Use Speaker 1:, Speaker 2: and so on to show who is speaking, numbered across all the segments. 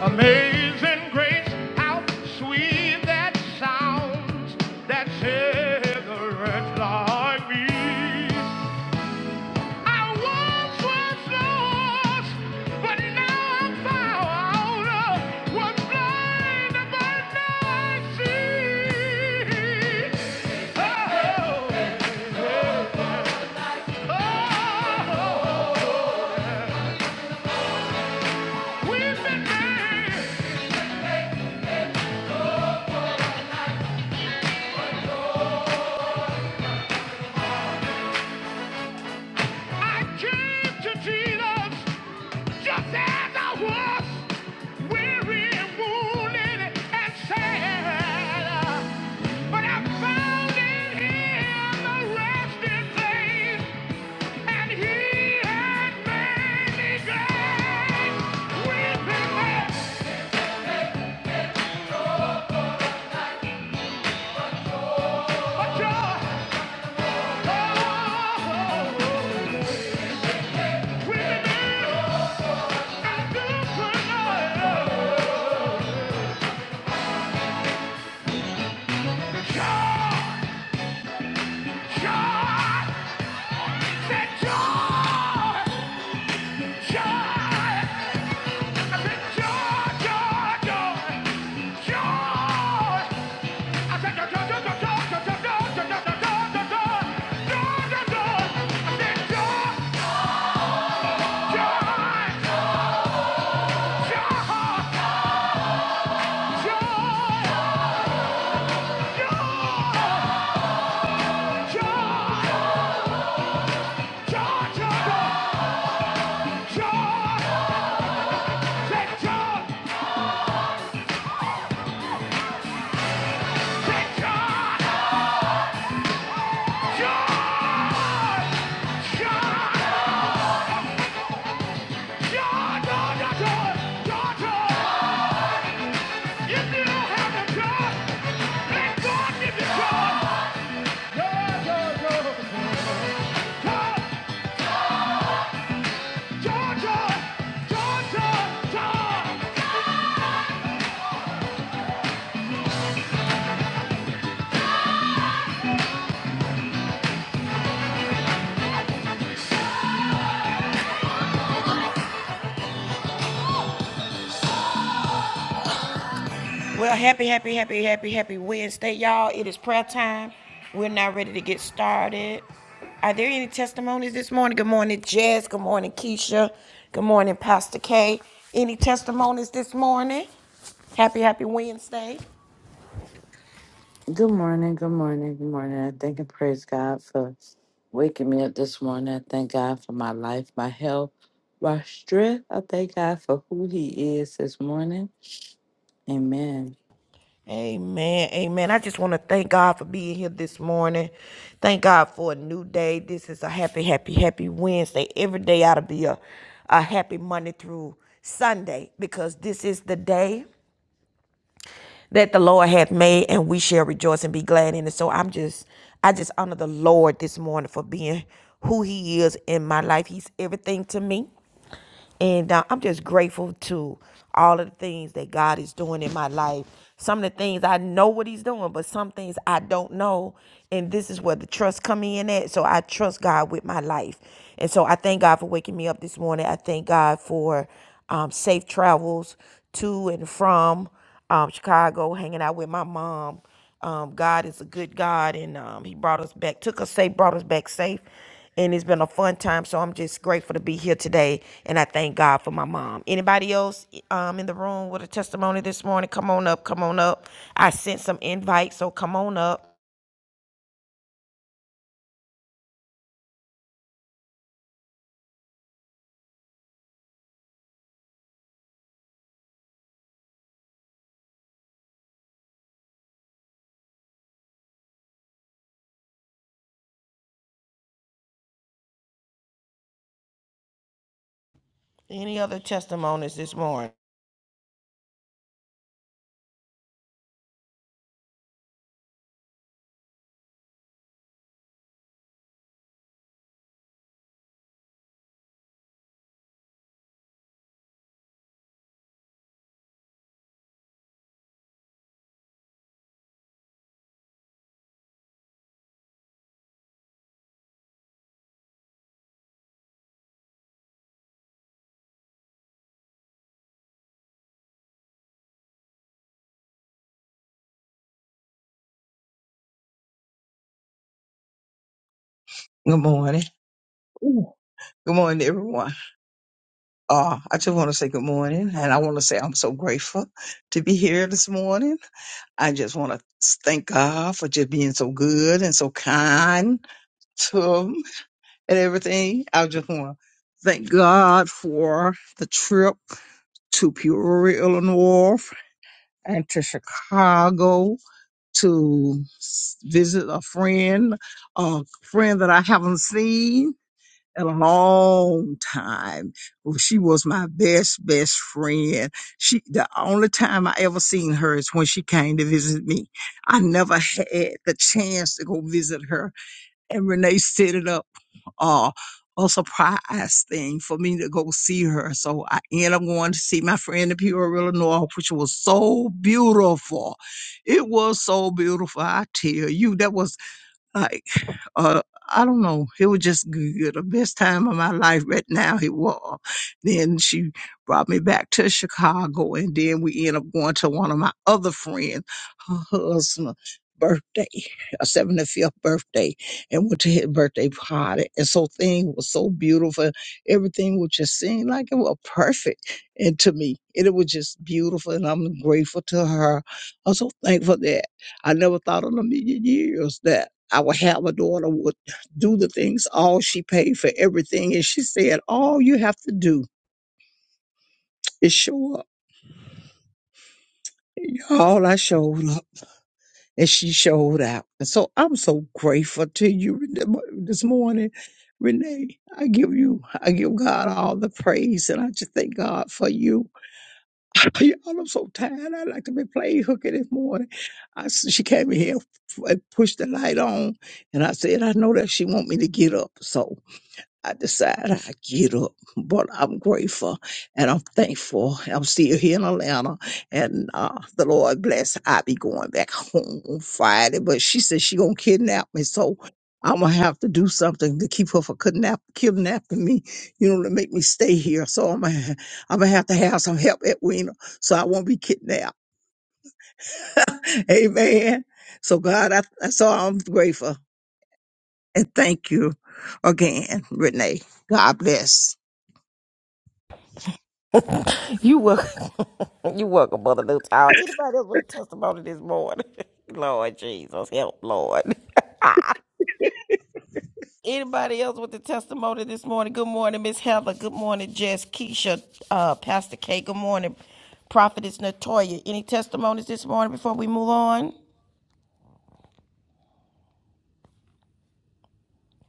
Speaker 1: Amazing grace, how sweet that sounds that saved a wretch like me. I once was lost, but now I'm found. Was blind, but now I see. Oh, oh, oh, we've been made I came to Jesus just as I was, weary and wounded and sad. But I found in Him a resting place, and He has made me glad. Weeping may a joy. Oh, weeping may a good for joy. Joy, joy. Joy! Well, happy, happy, happy, happy, happy Wednesday, y'all. It is prayer time. We're now ready to get started. Are there any testimonies this morning? Good morning, Jess. Good morning, Keisha. Good morning, Pastor K. Any testimonies this morning? Happy, happy Wednesday.
Speaker 2: Good morning, good morning, good morning. I thank and praise God for waking me up this morning. I thank God for my life, my health, my strength. I thank God for who He is this morning. Amen.
Speaker 1: Amen. Amen. I just want to thank God for being here this morning. Thank God for a new day. This is a happy, happy, happy Wednesday. Every day ought to be a, a happy Monday through Sunday because this is the day that the Lord hath made and we shall rejoice and be glad in it. So I'm just, I just honor the Lord this morning for being who he is in my life. He's everything to me. And uh, I'm just grateful to all of the things that God is doing in my life. Some of the things I know what He's doing, but some things I don't know. And this is where the trust come in at. So I trust God with my life. And so I thank God for waking me up this morning. I thank God for um, safe travels to and from um, Chicago, hanging out with my mom. Um, God is a good God, and um, He brought us back, took us safe, brought us back safe. And it's been a fun time, so I'm just grateful to be here today, and I thank God for my mom. Anybody else e, um, in the room with a testimony this morning? Come on up, come on up. I sent some invites, so come on up. Any other testimonies this morning?
Speaker 3: Good morning. Ooh, Good morning, everyone. Uh, I just want to say good morning, and I want to say I'm so grateful to be here this morning. I just want to thank God for just being so good and so kind to 'em and everything. I just want to thank God for the trip to Peoria, Illinois, and to Chicago to s- visit a friend, a friend that I haven't seen a long time. Well, She was my best, best friend. She, the only time I ever seen her is when she came to visit me. I never had the chance to go visit her. And Renee set it up, uh, a surprise thing for me to go see her. So I ended up going to see my friend in Peoria, Illinois, which was so beautiful. It was so beautiful. I tell you, that was like, uh, I don't know. It was just good. The best time of my life right now, it was. Then she brought me back to Chicago, and then we ended up going to one of my other friends, her husband. Birthday, a 75th birthday, and went to his birthday party. And so things was so beautiful. Everything was just seemed like it was perfect and to me. And it was just beautiful. And I'm grateful to her. I'm so thankful that I never thought in a million years that. I would have a daughter would do the things all she paid for everything. And she said, All you have to do is show up. And All I showed up and she showed out. And so I'm so grateful to you Rene- this morning, Renee. I give you, I give God all the praise and I just thank God for you. Y'all, I'm so tired. I like to be playing hooky this morning. I, s- she came in here and pushed the light on and I said, I know that she want me to get up. So I decided i get up, but I'm grateful and I'm thankful. I'm still here in Atlanta, and uh, the Lord bless. i be going back home on Friday, but she said she gonna kidnap me, so I'm gonna have to do something to keep her from kidnap, kidnapping me, you know, to make me stay here. So I'm gonna, I'm gonna have to have some help at Wiener, so I won't be kidnapped. Amen. So God, I, so I'm grateful and thank you again, Renee. God bless.
Speaker 1: You welcome. you welcome, Mother New Tower. Anybody else with a testimony this morning? Lord Jesus, help, Lord. Anybody else with the testimony this morning? Good morning, Miss Heather. Good morning, Jess, Keisha, uh, Pastor K. Good morning, Prophetess Natoya. Any testimonies this morning before we move on?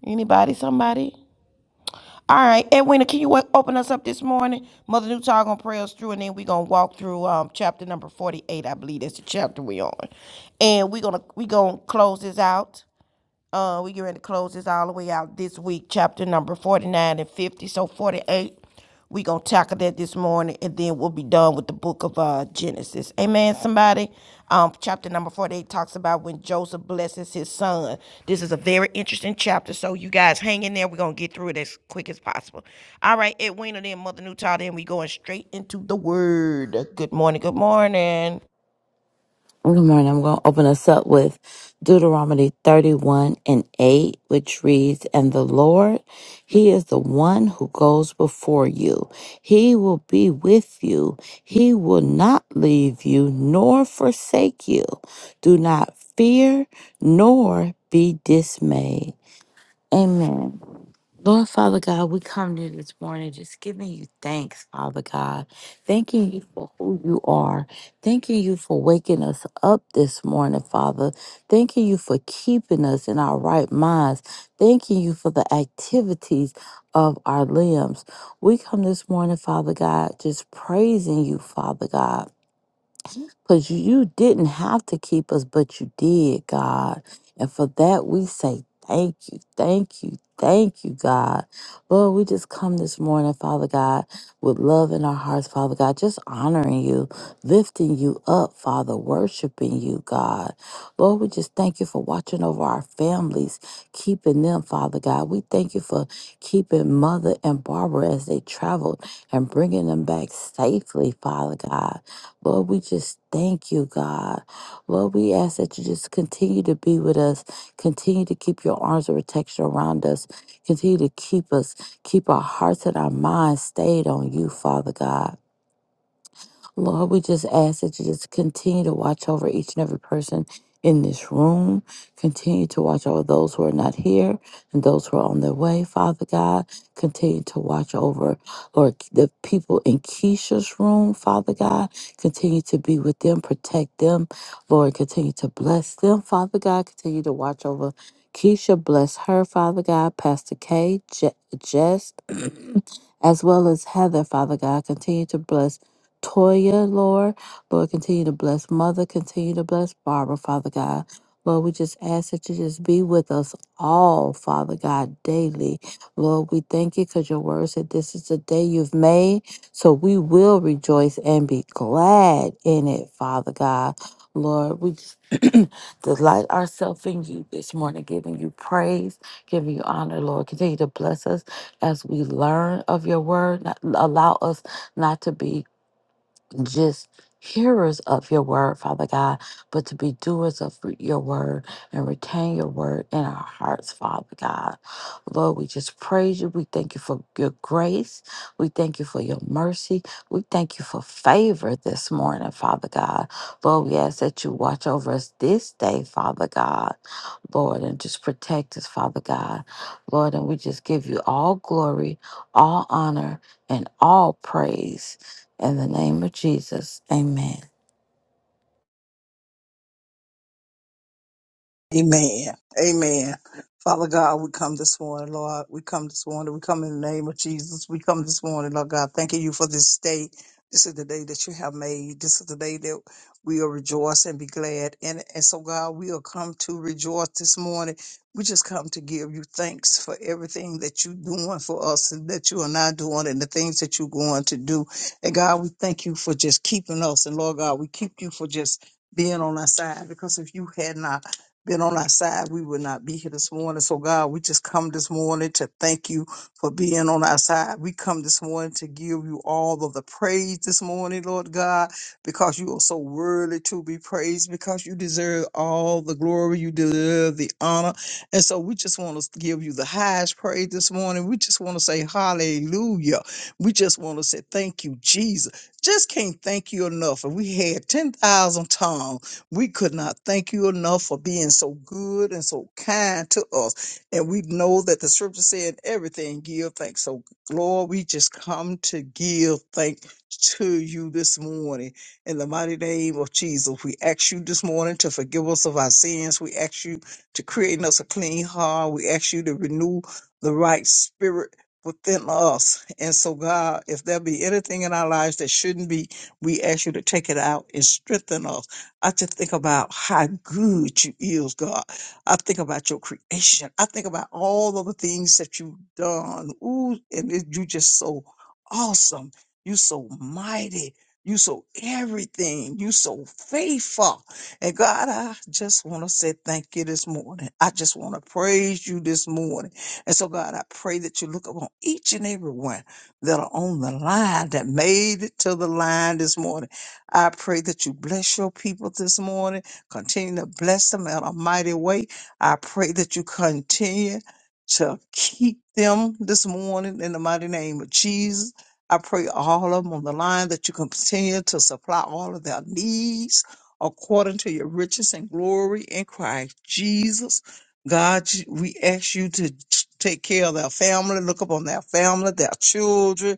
Speaker 1: Anybody? Somebody? All right, Edwina, can you wa- open us up this morning? Mother Newtile gonna pray us through, and then we're gonna walk through um, chapter number forty-eight. I believe that's the chapter we on, and we're gonna we gonna close this out. Uh, we get ready to close this all the way out this week, chapter number 49 and 50. So 48, we going to tackle that this morning, and then we'll be done with the book of uh, Genesis. Amen, somebody? Um, chapter number 48 talks about when Joseph blesses his son. This is a very interesting chapter, so you guys hang in there. We're going to get through it as quick as possible. All right, Edwina, then Mother Newtall, then we going straight into the Word. Good morning, good morning.
Speaker 2: Good morning. I'm going to open us up with Deuteronomy 31 and 8, which reads, And the Lord, He is the one who goes before you. He will be with you. He will not leave you nor forsake you. Do not fear nor be dismayed. Amen. Lord Father God, we come to you this morning just giving you thanks, Father God. Thanking you for who you are. Thanking you for waking us up this morning, Father. Thanking you for keeping us in our right minds. Thanking you for the activities of our limbs. We come this morning, Father God, just praising you, Father God because you didn't have to keep us, but you did, God. And for that, we say thank you, thank you, thank you, God. Lord, we just come this morning, Father God, with love in our hearts, Father God, just honoring you, lifting you up, Father, worshiping you, God. Lord, we just thank you for watching over our families, keeping them, Father God. We thank you for keeping Mother and Barbara as they traveled and bringing them back safely, Father God. Lord, we just thank you, God. Lord, we ask that you just continue to be with us, continue to keep your arms of protection around us, continue to keep us, keep our hearts and our minds stayed on you, Father God. Lord, we just ask that you just continue to watch over each and every person in this room. Continue to watch over those who are not here and those who are on their way, Father God. Continue to watch over, Lord, the people in Keisha's room, Father God. Continue to be with them, protect them, Lord. Continue to bless them, Father God. Continue to watch over Keisha. Bless her, Father God. Pastor K, Je- Jess, as well as Heather, Father God. Continue to bless. Toya, Lord. Lord, continue to bless Mother. Continue to bless Barbara, Father God. Lord, we just ask that you just be with us all, Father God, daily. Lord, we thank you because your word said this is the day you've made. So we will rejoice and be glad in it, Father God. Lord, we just delight ourselves in you this morning, giving you praise, giving you honor, Lord. Continue to bless us as we learn of your word. Not, allow us not to be just hearers of your word, Father God, but to be doers of your word and retain your word in our hearts, Father God. Lord, we just praise you. We thank you for your grace. We thank you for your mercy. We thank you for favor this morning, Father God. Lord, we ask that you watch over us this day, Father God. Lord, and just protect us, Father God. Lord, and we just give you all glory, all honor, and all praise. In the name of Jesus, amen.
Speaker 3: Amen. Amen. Father God, we come this morning, Lord. We come this morning. We come in the name of Jesus. We come this morning, Lord God, thanking you for this day. This is the day that you have made. This is the day that we will rejoice and be glad. And, and so, God, we will come to rejoice this morning. We just come to give you thanks for everything that you're doing for us and that you are not doing and the things that you're going to do. And God, we thank you for just keeping us. And Lord God, we keep you for just being on our side because if you had not been on our side, we would not be here this morning. So, God, we just come this morning to thank you for being on our side. We come this morning to give you all of the praise this morning, Lord God, because you are so worthy to be praised, because you deserve all the glory, you deserve the honor. And so, we just want to give you the highest praise this morning. We just want to say hallelujah. We just want to say thank you, Jesus. Just can't thank you enough. And we had 10,000 tongues. We could not thank you enough for being so good and so kind to us. And we know that the scripture said everything give thanks. So Lord, we just come to give thanks to you this morning. In the mighty name of Jesus, we ask you this morning to forgive us of our sins. We ask you to create in us a clean heart. We ask you to renew the right spirit within us. And so, God, if there be anything in our lives that shouldn't be, we ask you to take it out and strengthen us. I just think about how good you is, God. I think about your creation. I think about all of the things that you've done. Ooh, and it, you just so awesome. You so mighty. You so everything. You so faithful. And God, I just want to say thank you this morning. I just want to praise you this morning. And so, God, I pray that you look upon each and every one that are on the line that made it to the line this morning. I pray that you bless your people this morning. Continue to bless them in a mighty way. I pray that you continue to keep them this morning in the mighty name of Jesus. I pray all of them on the line that you continue to supply all of their needs according to your riches and glory in Christ Jesus. God, you- we ask you to t- take care of their family, look upon their family, their children,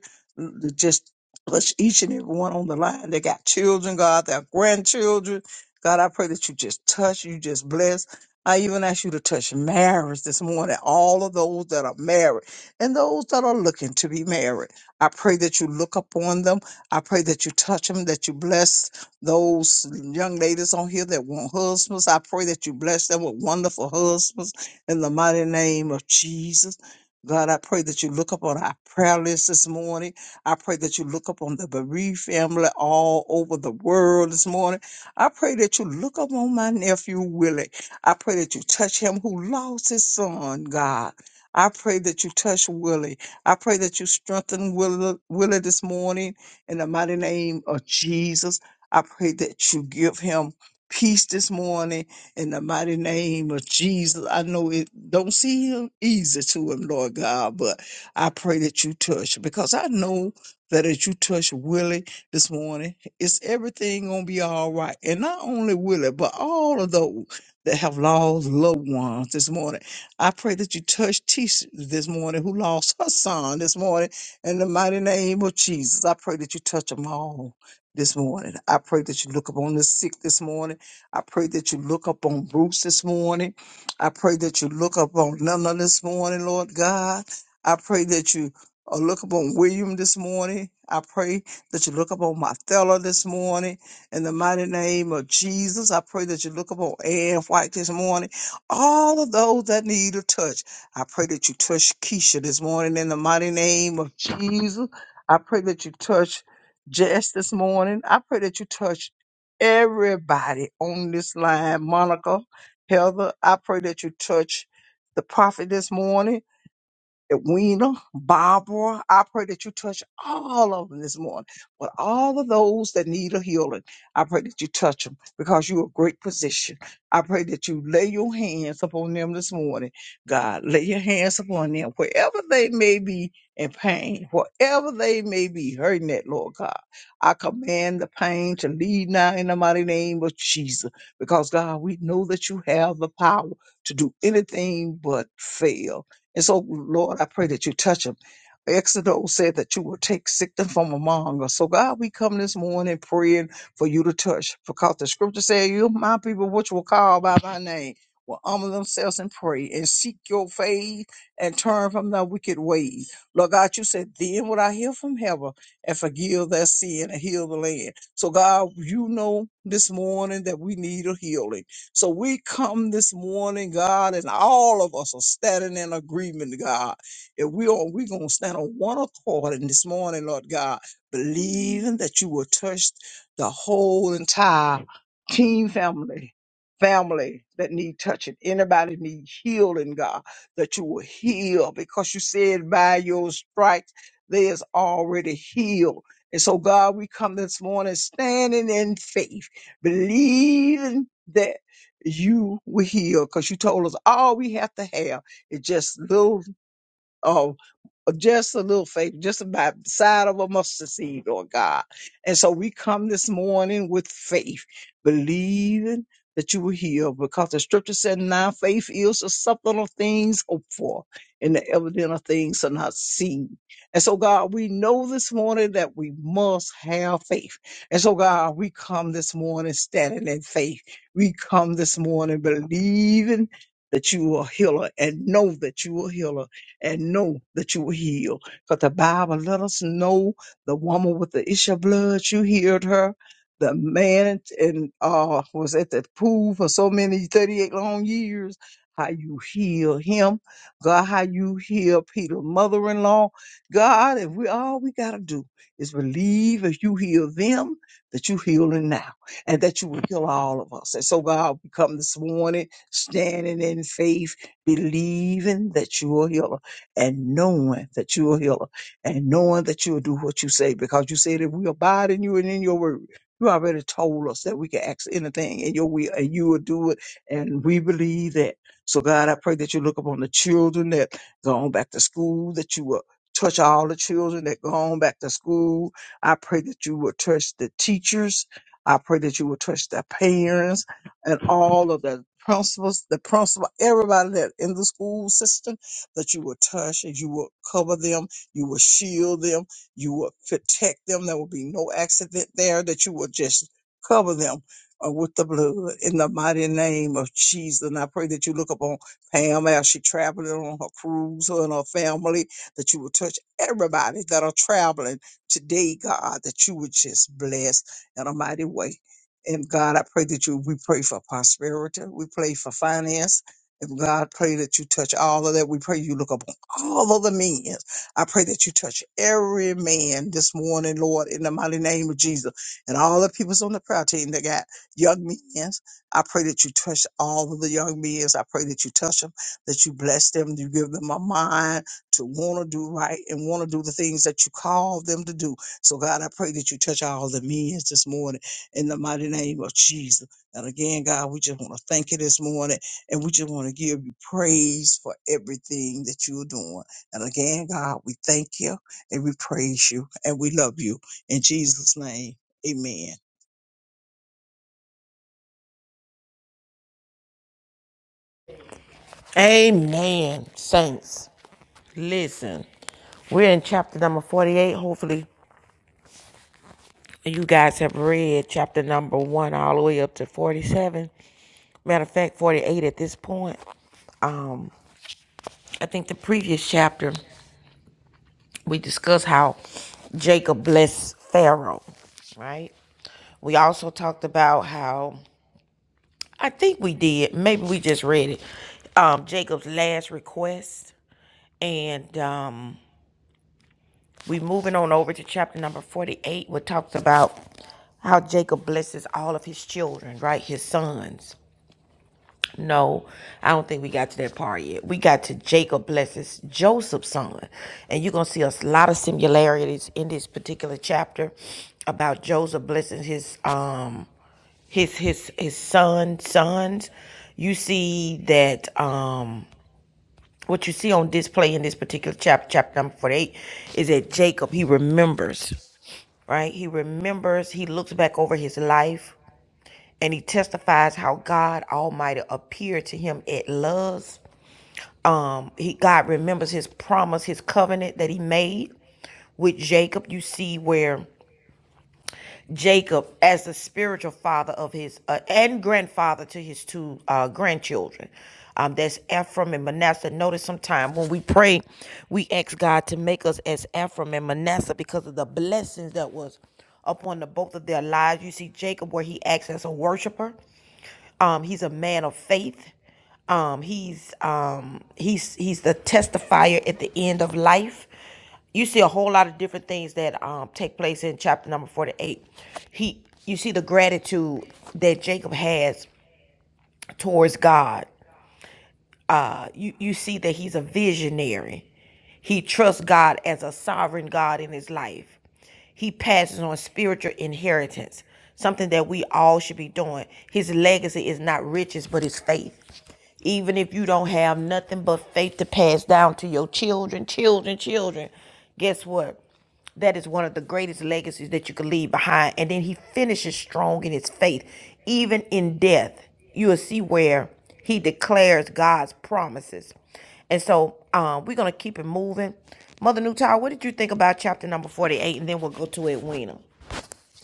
Speaker 3: Bless each and every one on the line. They got children, God, their grandchildren. God, I pray that you just touch, you just bless. I even ask you to touch marriage this morning, all of those that are married and those that are looking to be married. I pray that you look upon them. I pray that you touch them, that you bless those young ladies on here that want husbands. I pray that you bless them with wonderful husbands in the mighty name of Jesus. God, I pray that you look upon our prayer list this morning. I pray that you look up on the bereaved family all over the world this morning. I pray that you look up on my nephew Willie. I pray that you touch him who lost his son, God. I pray that you touch Willie. I pray that you strengthen Willie, Willie this morning in the mighty name of Jesus. I pray that you give him peace this morning in the mighty name of Jesus. I know it don't seem easy to him, Lord God, but I pray that you touch him because I know that as you touch Willie this morning, it's everything gonna be all right. And not only Willie, but all of those that have lost loved ones this morning. I pray that you touch Tisha this morning, who lost her son this morning, in the mighty name of Jesus. I pray that you touch them all this morning. I pray that you look upon the sick this morning. I pray that you look up on Bruce this morning. I pray that you look up on Nana this morning, Lord God. I pray that you or look upon William this morning. I pray that you look upon my fella this morning. In the mighty name of Jesus, I pray that you look upon Ann White this morning. All of those that need a touch, I pray that you touch Keisha this morning. In the mighty name of Jesus, I pray that you touch Jess this morning. I pray that you touch everybody on this line. Monica, Heather, I pray that you touch the prophet this morning Edwina, Barbara, I pray that you touch all of them this morning. But all of those that need a healing, I pray that you touch them because you're a great physician. I pray that you lay your hands upon them this morning. God, lay your hands upon them wherever they may be in pain, wherever they may be hurting at, Lord God. I command the pain to leave now in the mighty name of Jesus because, God, we know that you have the power to do anything but fail. And so, Lord, I pray that you touch them. Exodus said that you will take sickness from among us. So, God, we come this morning praying for you to touch because the scripture said, you my people, which will call by my name, will humble themselves and pray and seek your face and turn from their wicked ways. Lord God, you said, Then will I hear from heaven and forgive their sin and heal the land. So, God, you know this morning that we need a healing. So we come this morning, God, and all of us are standing in agreement, God. If we are, we're going to stand on one accord in this morning, Lord God, believing that you will touch the whole entire team family. Family that need touching, anybody need healing, God, that you will heal because you said by your stripes they is already healed. And so, God, we come this morning standing in faith, believing that you were here because you told us all we have to have is just little of just a little faith, just about the side of a mustard seed, Lord God. And so we come this morning with faith, believing that you will heal, because the scripture said, now faith is the substance of things hoped for and the evidence of things are not seen. And so, God, we know this morning that we must have faith. And so, God, we come this morning standing in faith. We come this morning believing that you are a healer and know that you are a healer and know that you were healed. Because the Bible let us know the woman with the issue of blood, you healed her. The man and uh, was at the pool for so many 38 long years. How you heal him, God, how you heal Peter's mother in law. God, if we all we got to do is believe if you heal them, that you healing now and that you will heal all of us. And so, God, we come this morning standing in faith, believing that you are healer and knowing that you are healer and knowing that you'll do what you say because you said if we abide in you and in your word, you already told us that we can ask anything in your will and you will do it. And we believe that. So God, I pray that you look upon the children that gone back to school, that you will touch all the children that gone back to school. I pray that you will touch the teachers. I pray that you will touch the parents and all of the principals, the principal, everybody that in the school system that you will touch and you will cover them, you will shield them, you will protect them. There will be no accident there, that you will just cover them uh, with the blood in the mighty name of Jesus. And I pray that you look upon Pam as she traveling on her cruise her and her family, that you will touch everybody that are traveling today, God, that you would just bless in a mighty way. And God, I pray that you, we pray for prosperity. We pray for finance. And God, pray that you touch all of that. We pray you look upon all of the men. I pray that you touch every man this morning, Lord, in the mighty name of Jesus. And all the people's on the prayer team that got young men, I pray that you touch all of the young men. I pray that you touch them, that you bless them, you give them a mind to want to do right and want to do the things that you call them to do. So, God, I pray that you touch all the men this morning in the mighty name of Jesus. And again, God, we just want to thank you this morning and we just want to give you praise for everything that you're doing. And again, God, we thank you and we praise you and we love you. In Jesus' name, amen.
Speaker 1: Amen, saints. Listen, we're in chapter number 48. Hopefully, you guys have read chapter number one all the way up to 47. Matter of fact, 48 at this point. I think the previous chapter, we discussed how Jacob blessed Pharaoh, right? We also talked about how, I think we did, maybe we just read it, um, Jacob's last request. And um, We moving on over to chapter number 48, what talks about how Jacob blesses all of his children, right? His sons. No, I don't think we got to that part yet. We got to Jacob blesses Joseph's son. And you're going to see a lot of similarities in this particular chapter about Joseph blessing his um his his his son sons. You see that um what you see on display in this particular chapter, chapter number 48, is that Jacob, he remembers, right? He remembers, he looks back over his life, and he testifies how God Almighty appeared to him at Luz. Um, he God remembers his promise, his covenant that he made with Jacob. You see where Jacob as the spiritual father of his uh, and grandfather to his two uh, grandchildren. Um, that's Ephraim and Manasseh. Notice sometime when we pray, we ask God to make us as Ephraim and Manasseh because of the blessings that was upon the both of their lives. You see Jacob where he acts as a worshiper um, he's a man of faith. Um, he's um, he's he's the testifier at the end of life. You see a whole lot of different things that um, take place in chapter number forty-eight. He, you see the gratitude that Jacob has towards God uh, you, you see that he's a visionary. He trusts God as a sovereign God in his life. He passes on spiritual inheritance, something that we all should be doing. His legacy is not riches, but his faith. Even if you don't have nothing but faith to pass down to your children, children, children, guess what? That is one of the greatest legacies that you can leave behind. And then he finishes strong in his faith. Even in death, you will see where he declares God's promises. And so um, we're going to keep it moving. Mother Newtower, what did you think about chapter number 48? And then we'll go to Edwina.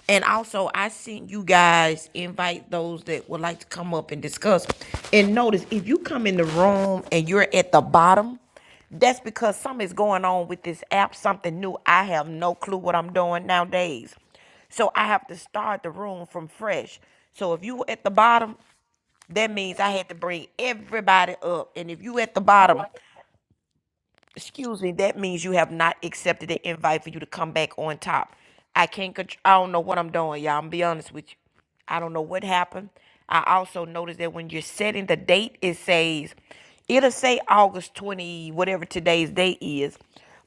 Speaker 1: And also, I sent you guys invite those that would like to come up and discuss. And notice if you come in the room and you're at the bottom, that's because something's going on with this app, something new. I have no clue what I'm doing nowadays. So I have to start the room from fresh. So if you were at the bottom, that means I had to bring everybody up. And if you at the bottom, excuse me, that means you have not accepted the invite for you to come back on top. I can't, contr- I don't know what I'm doing, y'all. I'm be honest with you. I don't know what happened. I also noticed that when you're setting the date, it says, it'll say August 20, whatever today's date is.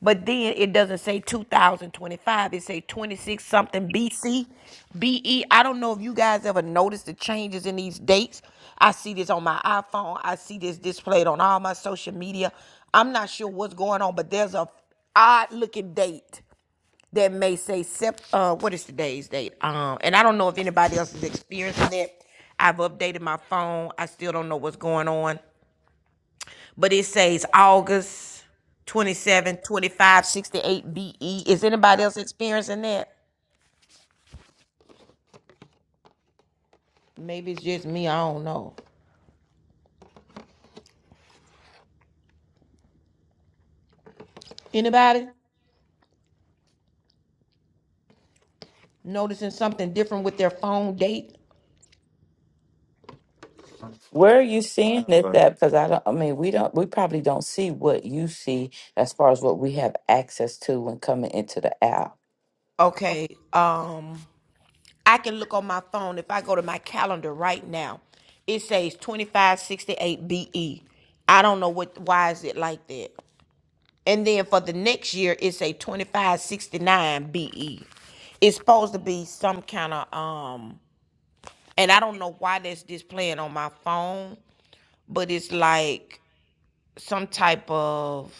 Speaker 1: But then it doesn't say 2025. It say 26 something BC, BE. I don't know if you guys ever noticed the changes in these dates, I see this on my iPhone. I see this displayed on all my social media. I'm not sure what's going on, but there's a odd looking date that may say sep- uh what is today's date? Um and I don't know if anybody else is experiencing it. I've updated my phone. I still don't know what's going on. But it says August 27, 25, 68. BE. Is anybody else experiencing that? Maybe it's just me. I don't know. Anybody noticing something different with their phone date?
Speaker 2: Where are you seeing it Right. that? Because I don't. I mean, we don't. We probably don't see what you see as far as what we have access to when coming into the app.
Speaker 1: Okay. Um, I can look on my phone. If I go to my calendar right now, it says 2568 BE. I don't know what why is it like that. And then for the next year, it's a 2569 BE. It's supposed to be some kind of um and I don't know why that's displaying on my phone, but it's like some type of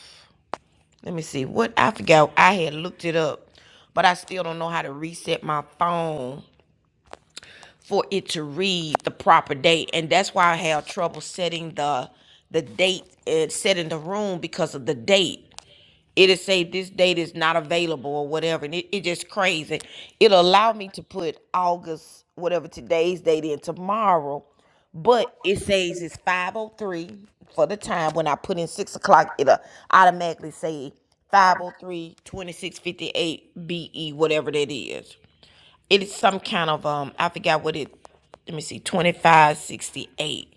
Speaker 1: let me see what I forgot. I had looked it up, but I still don't know how to reset my phone for it to read the proper date and that's why i have trouble setting the the date and setting the room because of the date it'll say this date is not available or whatever and it, it just crazy it'll allow me to put august whatever today's date in tomorrow but it says it's 503 for the time when i put in six o'clock it'll automatically say five o three twenty be whatever that is it is some kind of um. I forgot what it. Let me see. Twenty five sixty eight.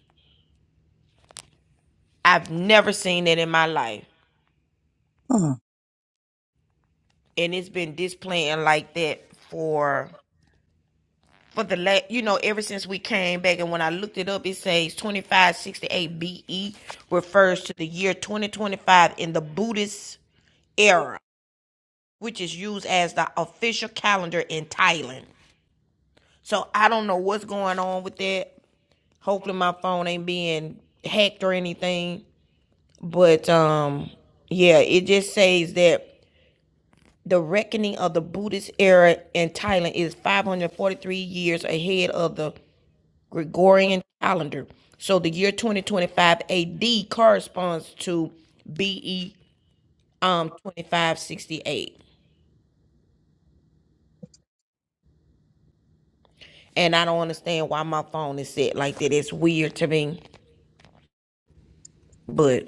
Speaker 1: I've never seen it in my life,
Speaker 3: Huh,
Speaker 1: and it's been displaying like that for for the last You know, ever since we came back, and when I looked it up, it says twenty five sixty eight BE refers to the year twenty twenty five in the Buddhist era, which is used as the official calendar in Thailand. So I don't know what's going on with that. Hopefully my phone ain't being hacked or anything. But um, yeah, it just says that the reckoning of the Buddhist era in Thailand is 543 years ahead of the Gregorian calendar. So the year 2025 AD corresponds to BE um 2568. And I don't understand why my phone is set like that. It's weird to me. But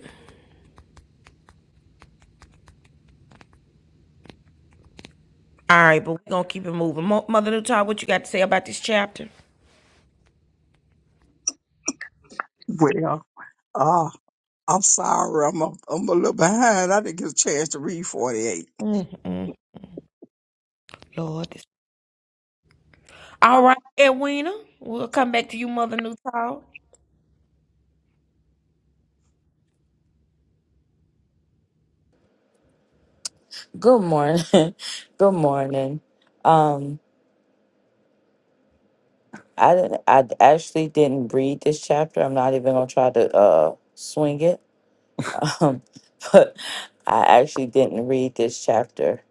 Speaker 1: all right, but we're gonna keep it moving. Mo- Mother Newtall, what you got to say about this chapter?
Speaker 3: Well, uh, I'm sorry. I'm a, I'm a little behind. I didn't get a chance to read 48.
Speaker 1: Mm-mm. Lord, this All right, Edwina, we'll come back to you, Mother Newtall.
Speaker 2: Good morning. Good morning. Um, I didn't. I actually didn't read this chapter. I'm not even gonna try to uh swing it. Um, but I actually didn't read this chapter.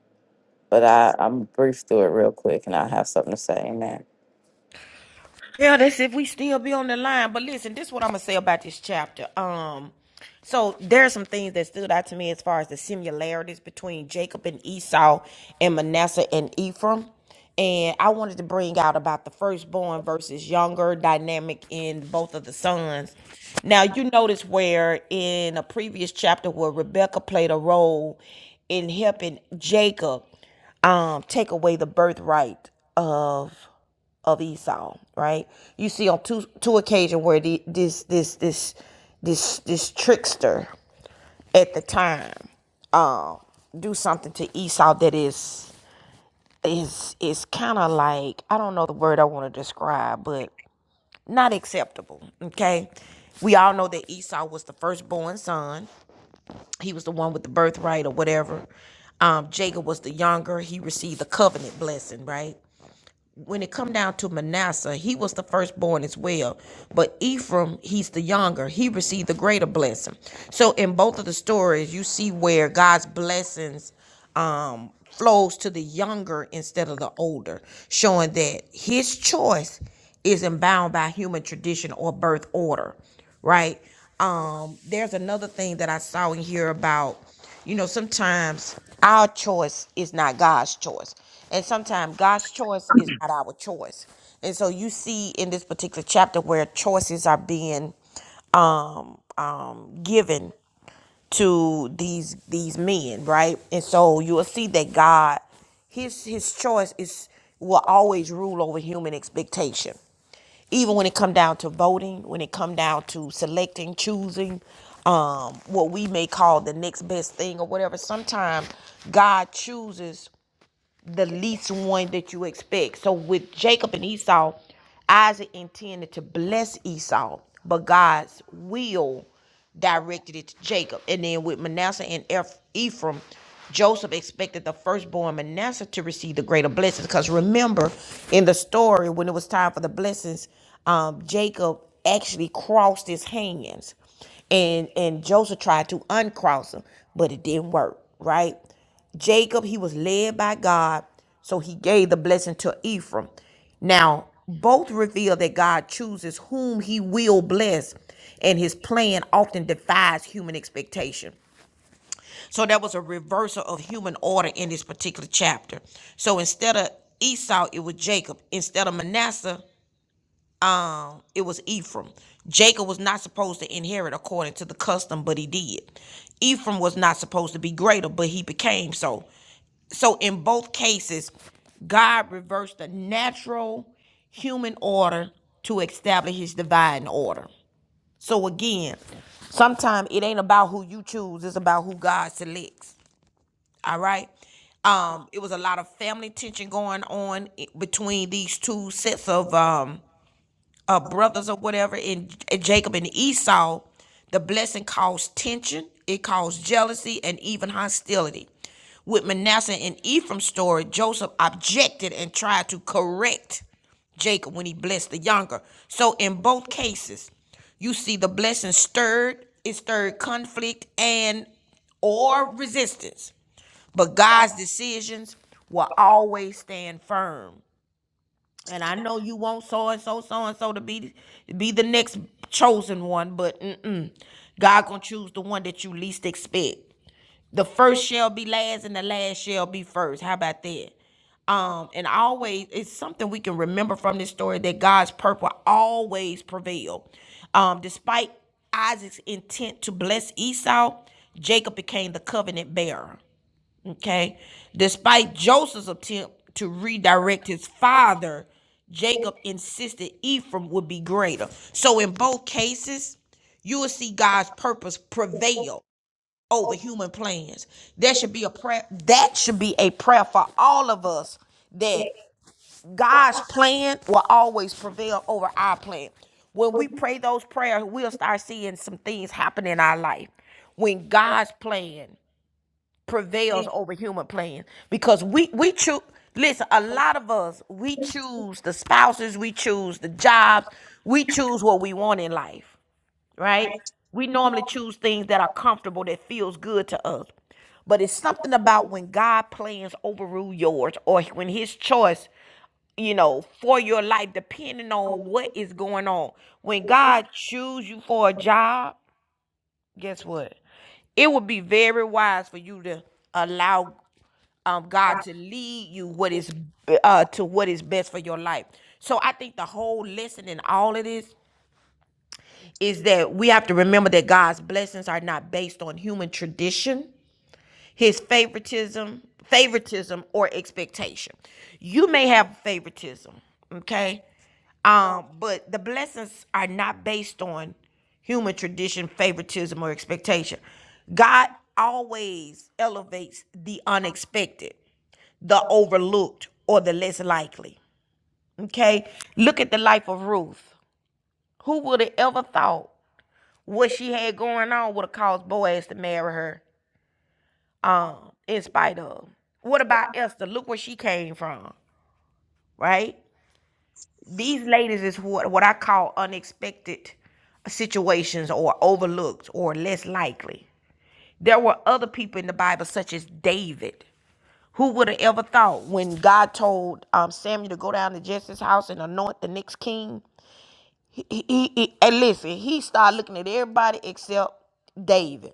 Speaker 2: But I I'm brief through it real quick, and I have something to say. Amen.
Speaker 1: Yeah, that's if we still be on the line. But listen, this is what I'm gonna say about this chapter. Um, so there are some things that stood out to me as far as the similarities between Jacob and Esau and Manasseh and Ephraim. And I wanted to bring out about the firstborn versus younger dynamic in both of the sons. Now you notice where in a previous chapter where Rebecca played a role in helping Jacob um take away the birthright of of Esau, right? You see on two two occasions where the, this this this this this trickster at the time um do something to Esau that is is is kind of like I don't know the word I want to describe, but not acceptable. Okay, we all know that Esau was the firstborn son. He was the one with the birthright or whatever. Um, Jacob was the younger. He received the covenant blessing, right? when it come down to Manasseh, he was the firstborn as well. But Ephraim, he's the younger. He received the greater blessing. So in both of the stories, you see where God's blessings um, flows to the younger instead of the older, showing that his choice isn't bound by human tradition or birth order, right? Um, there's another thing that I saw in here about you know, sometimes our choice is not God's choice. And sometimes God's choice is not our choice. And so you see in this particular chapter where choices are being um, um, given to these these men, right? And so you will see that God, his his choice is will always rule over human expectation. Even when it come down to voting, when it come down to selecting, choosing, um, what we may call the next best thing or whatever, sometimes God chooses the least one that you expect. So with Jacob and Esau, Isaac intended to bless Esau, but God's will directed it to Jacob. And then with Manasseh and Eph- Ephraim, Joseph expected the firstborn Manasseh to receive the greater blessings. Because remember, in the story, when it was time for the blessings, um, Jacob actually crossed his hands and and Joseph tried to uncross him, but it didn't work, right? Jacob, he was led by God, so he gave the blessing to Ephraim. Now, both reveal that God chooses whom he will bless, and his plan often defies human expectation. So there was a reversal of human order in this particular chapter. So instead of Esau, it was Jacob. Instead of Manasseh, um it was Ephraim. Jacob was not supposed to inherit according to the custom, but he did. Ephraim was not supposed to be greater, but he became so. So in both cases, God reversed the natural human order to establish his divine order. So again, sometimes it ain't about who you choose, it's about who God selects. All right. Um, it was a lot of family tension going on between these two sets of um, uh, brothers or whatever in in Jacob and Esau, the blessing caused tension, it caused jealousy, and even hostility. With Manasseh and Ephraim's story, Joseph objected and tried to correct Jacob when he blessed the younger. So in both cases, you see the blessing stirred, it stirred conflict and or resistance. But God's decisions will always stand firm. And I know you want so and so, so and so to be be the next chosen one, but mm-mm. God gonna choose the one that you least expect. The first shall be last, and the last shall be first. How about that? Um, and always it's something we can remember from this story that God's purpose always prevail. Um, despite Isaac's intent to bless Esau, Jacob became the covenant bearer. Okay. Despite Joseph's attempt to redirect his father, Jacob insisted Ephraim would be greater. So in both cases, you will see God's purpose prevail over human plans. There should be a prayer. That should be a prayer for all of us that God's plan will always prevail over our plan. When we pray those prayers, we'll start seeing some things happen in our life. When God's plan prevails over human plan because we we choose listen a lot of us we choose the spouses we choose the jobs we choose what we want in life right we normally choose things that are comfortable that feels good to us but it's something about when god plans overrule yours or when his choice you know for your life depending on what is going on when god choose you for a job guess what it would be very wise for you to allow um, God to lead you what is uh, to what is best for your life. So I think the whole lesson in all of this is that we have to remember that God's blessings are not based on human tradition his favoritism, favoritism or expectation. You may have favoritism, okay? Um, but the blessings are not based on human tradition, favoritism, or expectation. God always elevates the unexpected, the overlooked, or the less likely. Okay? Look at the life of Ruth. Who would have ever thought what she had going on would have caused Boaz to marry her? um, in spite of. What about Esther? Look where she came from, right? These ladies is what what I call unexpected situations or overlooked or less likely. There were other people in the Bible, such as David, who would have ever thought when God told um, Samuel to go down to Jesse's house and anoint the next king? He, he, he, and listen, he started looking at everybody except David.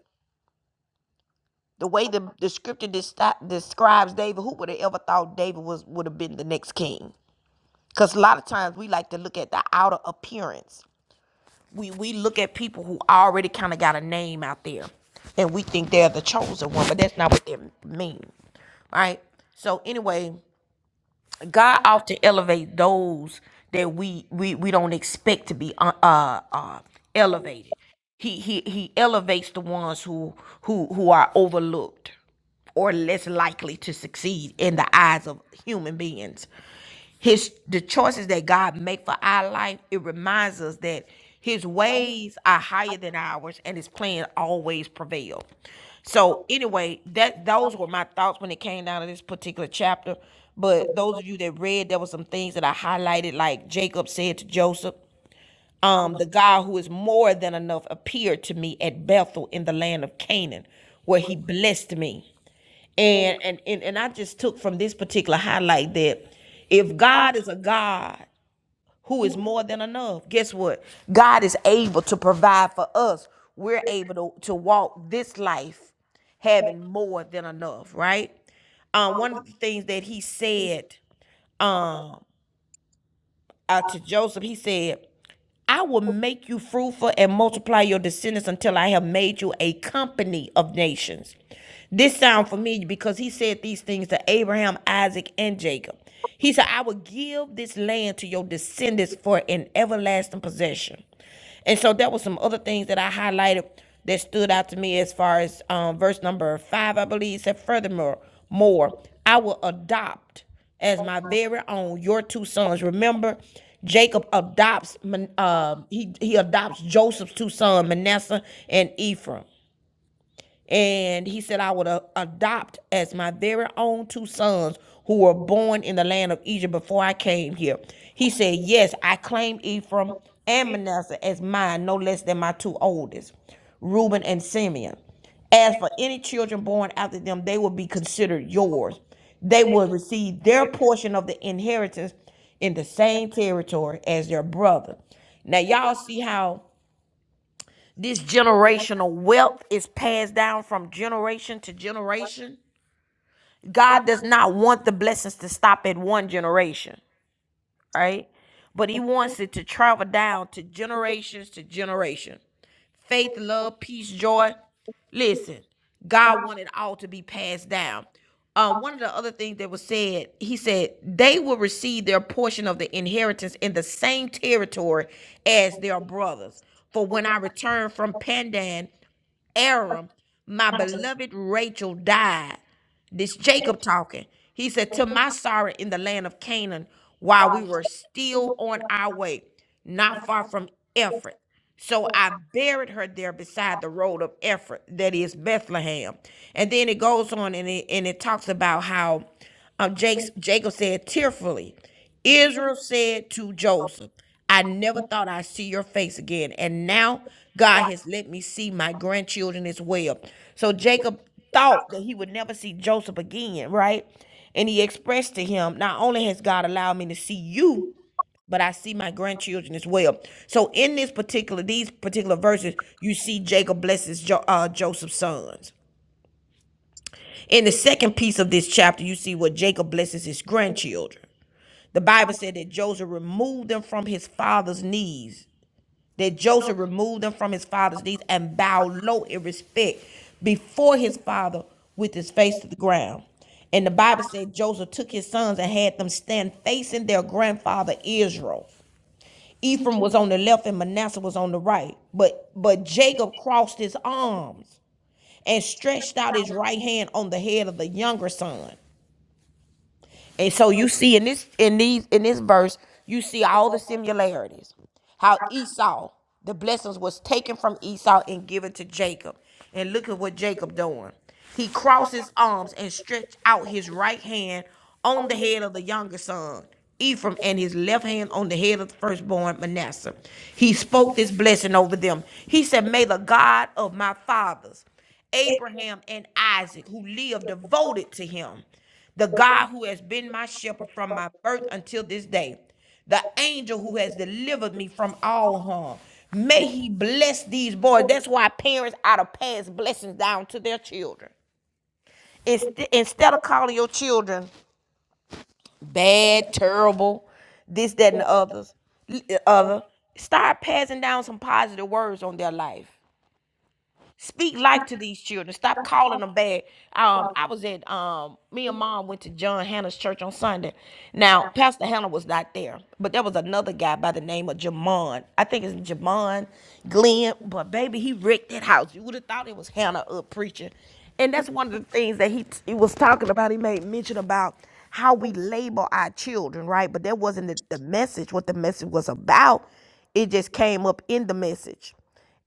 Speaker 1: The way the, the scripture desti- describes David, who would have ever thought David was would have been the next king? Because a lot of times we like to look at the outer appearance. We we look at people who already kind of got a name out there, and we think they're the chosen one, but that's not what they mean, right? So anyway, God often elevates those that we we we don't expect to be uh uh uh, elevated. He he he elevates the ones who who who are overlooked or less likely to succeed in the eyes of human beings his the choices that God make for our life, it reminds us that his ways are higher than ours and his plan always prevails. So anyway, that those were my thoughts when it came down to this particular chapter. But those of you that read, there were some things that I highlighted, like Jacob said to Joseph um, the God who is more than enough appeared to me at Bethel in the land of Canaan, where he blessed me. And and and, and I just took from this particular highlight that if God is a God who is more than enough, guess what? God is able to provide for us. We're able to, to walk this life having more than enough, right? Um, one of the things that he said um, uh, to Joseph, he said, I will make you fruitful and multiply your descendants until I have made you a company of nations. This sounds familiar because he said these things to Abraham, Isaac, and Jacob. He said, I will give this land to your descendants for an everlasting possession. And so that was some other things that I highlighted that stood out to me as far as um, verse number five, I believe, It said, Furthermore, more, I will adopt as my very own, your two sons. Remember, Jacob adopts Man- uh, he he adopts Joseph's two sons, Manasseh and Ephraim. And he said, I would a- adopt as my very own two sons who were born in the land of Egypt before I came here. He said, Yes, I claim Ephraim and Manasseh as mine, no less than my two oldest, Reuben and Simeon. As for any children born after them, they will be considered yours. They will receive their portion of the inheritance in the same territory as their brother. Now, y'all see how this generational wealth is passed down from generation to generation. God does not want the blessings to stop at one generation, right? But He wants it to travel down to generations to generation. Faith, love, peace, joy. Listen, God wanted all to be passed down. Um, one of the other things that was said, he said, they will receive their portion of the inheritance in the same territory as their brothers. For when I return from Pandan, Aram, my beloved Rachel died. This Jacob talking. He said, To my sorrow in the land of Canaan, while we were still on our way, not far from Ephrath. So I buried her there beside the road of Ephrath, that is Bethlehem. And then it goes on and it, and it talks about how um, Jake's, Jacob said tearfully. Israel said to Joseph, I never thought I'd see your face again. And now God has let me see my grandchildren as well. So Jacob thought that he would never see Joseph again, right? And he expressed to him, Not only has God allowed me to see you, but I see my grandchildren as well. So in this particular, these particular verses, you see Jacob blesses jo- uh, Joseph's sons. In the second piece of this chapter, you see what Jacob blesses his grandchildren. The Bible said that Joseph removed them from his father's knees. That Joseph removed them from his father's knees and bowed low in respect before his father with his face to the ground. And the Bible said Joseph took his sons and had them stand facing their grandfather Israel. Ephraim was on the left and Manasseh was on the right. But but Jacob crossed his arms and stretched out his right hand on the head of the younger son. And so you see in this in these in this verse, you see all the similarities. How Esau, the blessings was taken from Esau and given to Jacob. And look at what Jacob doing. He crossed his arms and stretched out his right hand on the head of the younger son, Ephraim, and his left hand on the head of the firstborn Manasseh. He spoke this blessing over them. He said, May the God of my fathers Abraham and Isaac, who lived devoted to him the God who has been my shepherd from my birth until this day, the angel who has delivered me from all harm. May he bless these boys. That's why parents ought to pass blessings down to their children. Inst- Instead of calling your children bad, terrible, this, that, and the others, other, start passing down some positive words on their life. Speak life to these children. Stop calling them bad. Um, I was at um, me and mom went to John Hannah's church on Sunday. Now, Pastor Hannah was not there, but there was another guy by the name of Jamon. I think it's Jamon Glenn, but baby, he wrecked that house. You would have thought it was Hannah up preaching. And that's one of the things that he he was talking about. He made mention about how we label our children, right? But that wasn't the, the message, what the message was about. It just came up in the message.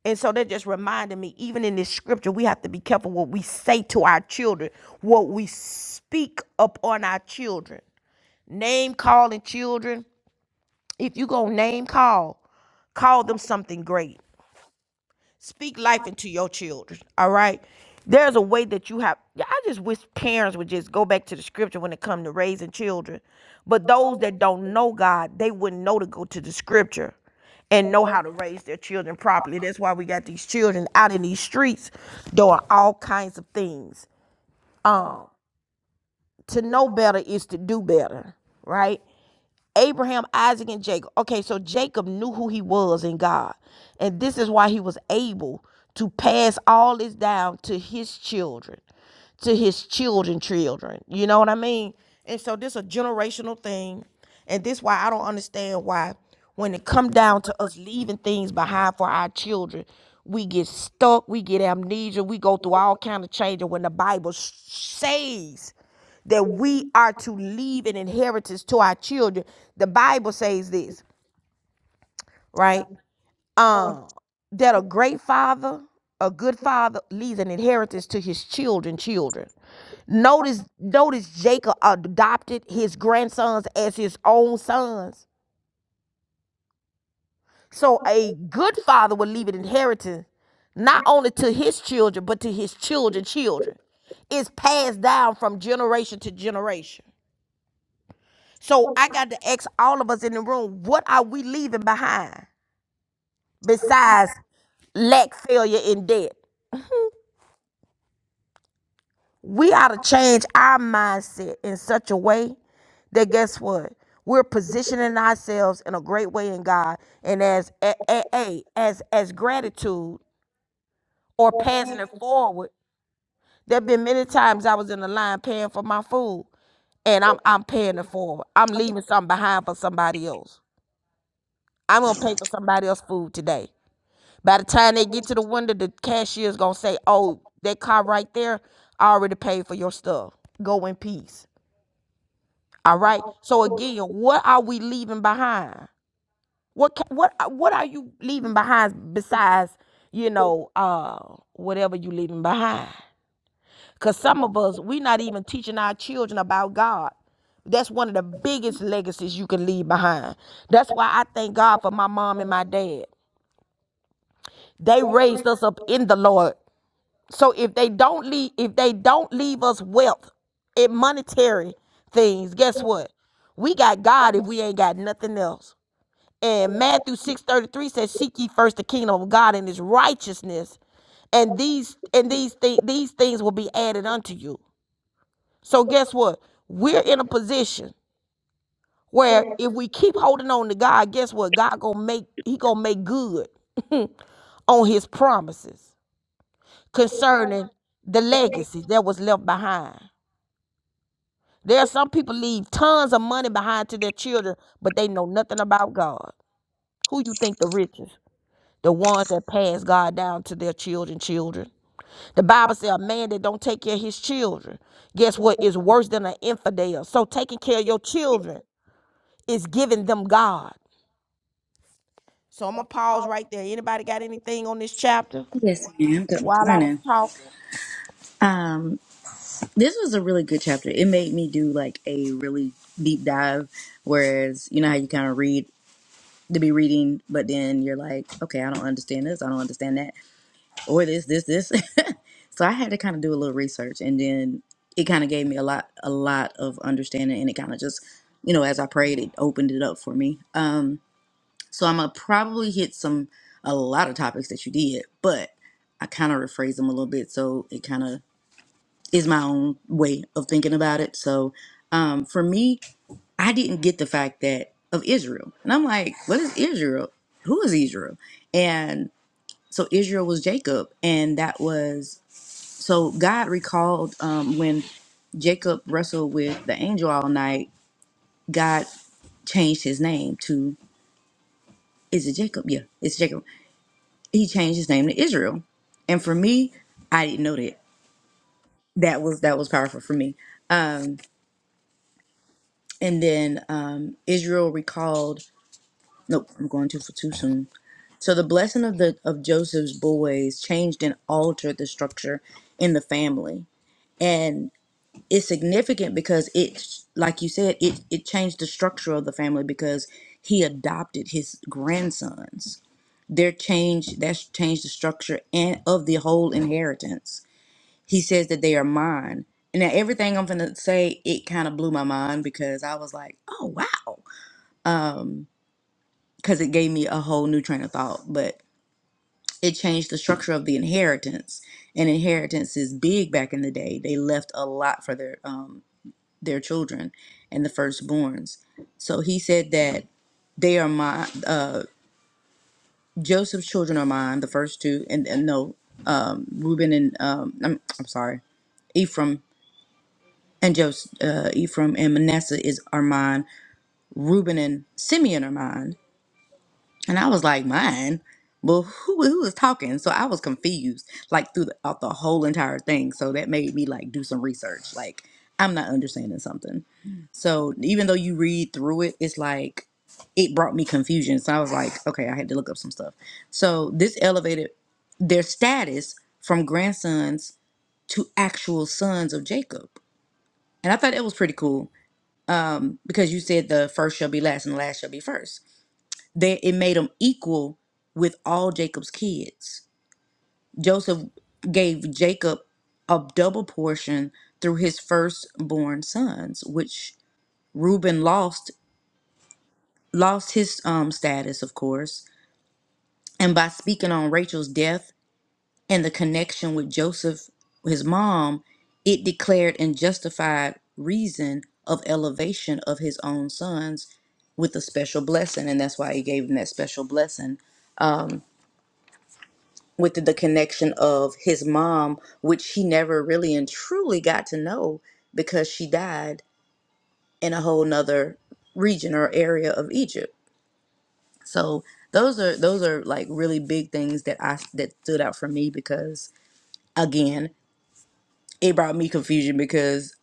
Speaker 1: And so that just reminded me, even in this scripture, we have to be careful what we say to our children, what we speak upon our children. Name calling children. If you go name call, call them something great. Speak life into your children. All right. There's a way that you have. yeah, I just wish parents would just go back to the scripture when it comes to raising children. But those that don't know God, they wouldn't know to go to the scripture and know how to raise their children properly. That's why we got these children out in these streets doing all kinds of things. Um, to know better is to do better, right? Abraham, Isaac, and Jacob. Okay, so Jacob knew who he was in God. And this is why he was able to pass all this down to his children, to his children, children. You know what I mean? And so this is a generational thing. And this why I don't understand why when it come down to us leaving things behind for our children, we get stuck, we get amnesia, we go through all kind of changes when the Bible says that we are to leave an inheritance to our children. The Bible says this, right? Um, that a great father, a good father, leaves an inheritance to his children, children. Notice, notice Jacob adopted his grandsons as his own sons. So a good father would leave an inheritance not only to his children, but to his children, children. It's passed down from generation to generation. So I got to ask all of us in the room, what are we leaving behind besides lack, failure, and debt? We ought to change our mindset in such a way that guess what? We're positioning ourselves in a great way in God, and as a, a, a- as as gratitude or passing it forward. There have been many times I was in the line paying for my food, and I'm I'm paying it forward. I'm leaving something behind for somebody else. I'm gonna pay for somebody else's food today. By the time they get to the window, the cashier's gonna say, "Oh, that car right there, I already paid for your stuff. Go in peace." All right. So again, what are we leaving behind? What ca- what uh, what are you leaving behind besides you know uh whatever you leaving behind? Cause some of us we are not even teaching our children about God. That's one of the biggest legacies you can leave behind. That's why I thank God for my mom and my dad. They raised us up in the Lord. So if they don't leave, if they don't leave us wealth and monetary things, guess what? We got God if we ain't got nothing else. And Matthew 6:33 says, Seek ye first the kingdom of God and his righteousness, and these and these things these things will be added unto you. So guess what? We're in a position where if we keep holding on to God, guess what? God gonna make He gonna make good on His promises concerning the legacy that was left behind. There are some people leave tons of money behind to their children, but they know nothing about God. Who you think the richest? The ones that pass God down to their children, children. The Bible says a man that don't take care of his children, guess what, is worse than an infidel. So taking care of your children is giving them God. So I'm gonna pause right there. Anybody got anything on this chapter
Speaker 4: Yes, ma'am. Good
Speaker 1: while I was
Speaker 4: morning.
Speaker 1: talking?
Speaker 4: Um, this was a really good chapter. It made me do like a really deep dive. Whereas, you know how you kind of read to be reading, but then you're like, okay, I don't understand this, I don't understand that, or this, this, this. so I had to kind of do a little research, and then it kind of gave me a lot, a lot of understanding, and it kind of just, you know, as I prayed, it opened it up for me. Um, so I'm gonna probably hit some a lot of topics that you did, but I kind of rephrase them a little bit, so it kind of is my own way of thinking about it. So um, for me, I didn't get the fact that of Israel. And I'm like, what is Israel? Who is Israel? And so Israel was Jacob. And that was so God recalled um, when Jacob wrestled with the angel all night, God changed his name to, is it Jacob? Yeah, it's Jacob. He changed his name to Israel. And for me, I didn't know that. That was that was powerful for me. Um, And then um, Israel recalled. Nope, I'm going too for too soon. So the blessing of the of Joseph's boys changed and altered the structure in the family, and it's significant because it, like you said, it it changed the structure of the family because he adopted his grandsons. Their change that's changed the structure and of the whole inheritance. He says that they are mine. And now everything I'm gonna say, it kind of blew my mind because I was like, oh wow because it gave me a whole new train of thought, but it changed the structure of the inheritance. And inheritance is big back in the day. They left a lot for their um their children and the firstborns. So he said that they are my uh Joseph's children are mine, the first two, and, and no, um Reuben and um I'm, I'm sorry, Ephraim and Joseph, uh, Ephraim and Manasseh is are mine. Reuben and Simeon are mine And I was like, mine? Well, who, who was talking? So I was confused, like throughout the whole entire thing. So that made me like do some research. Like, I'm not understanding something. So even though you read through it, it's like it brought me confusion. So I was like, okay, I had to look up some stuff. So this elevated their status from grandsons to actual sons of Jacob. And I thought that was pretty cool um, because you said the first shall be last and the last shall be first. They it made him equal with all Jacob's kids. Joseph gave Jacob a double portion through his firstborn sons, which Reuben lost lost his um status, of course. And by speaking on Rachel's death and the connection with Joseph, his mom, it declared and justified reason of elevation of his own sons with a special blessing. And that's why he gave him that special blessing with the the connection of his mom, which he never really and truly got to know because she died in a whole nother region or area of Egypt. So those are those are like really big things that I that stood out for me because again, it brought me confusion because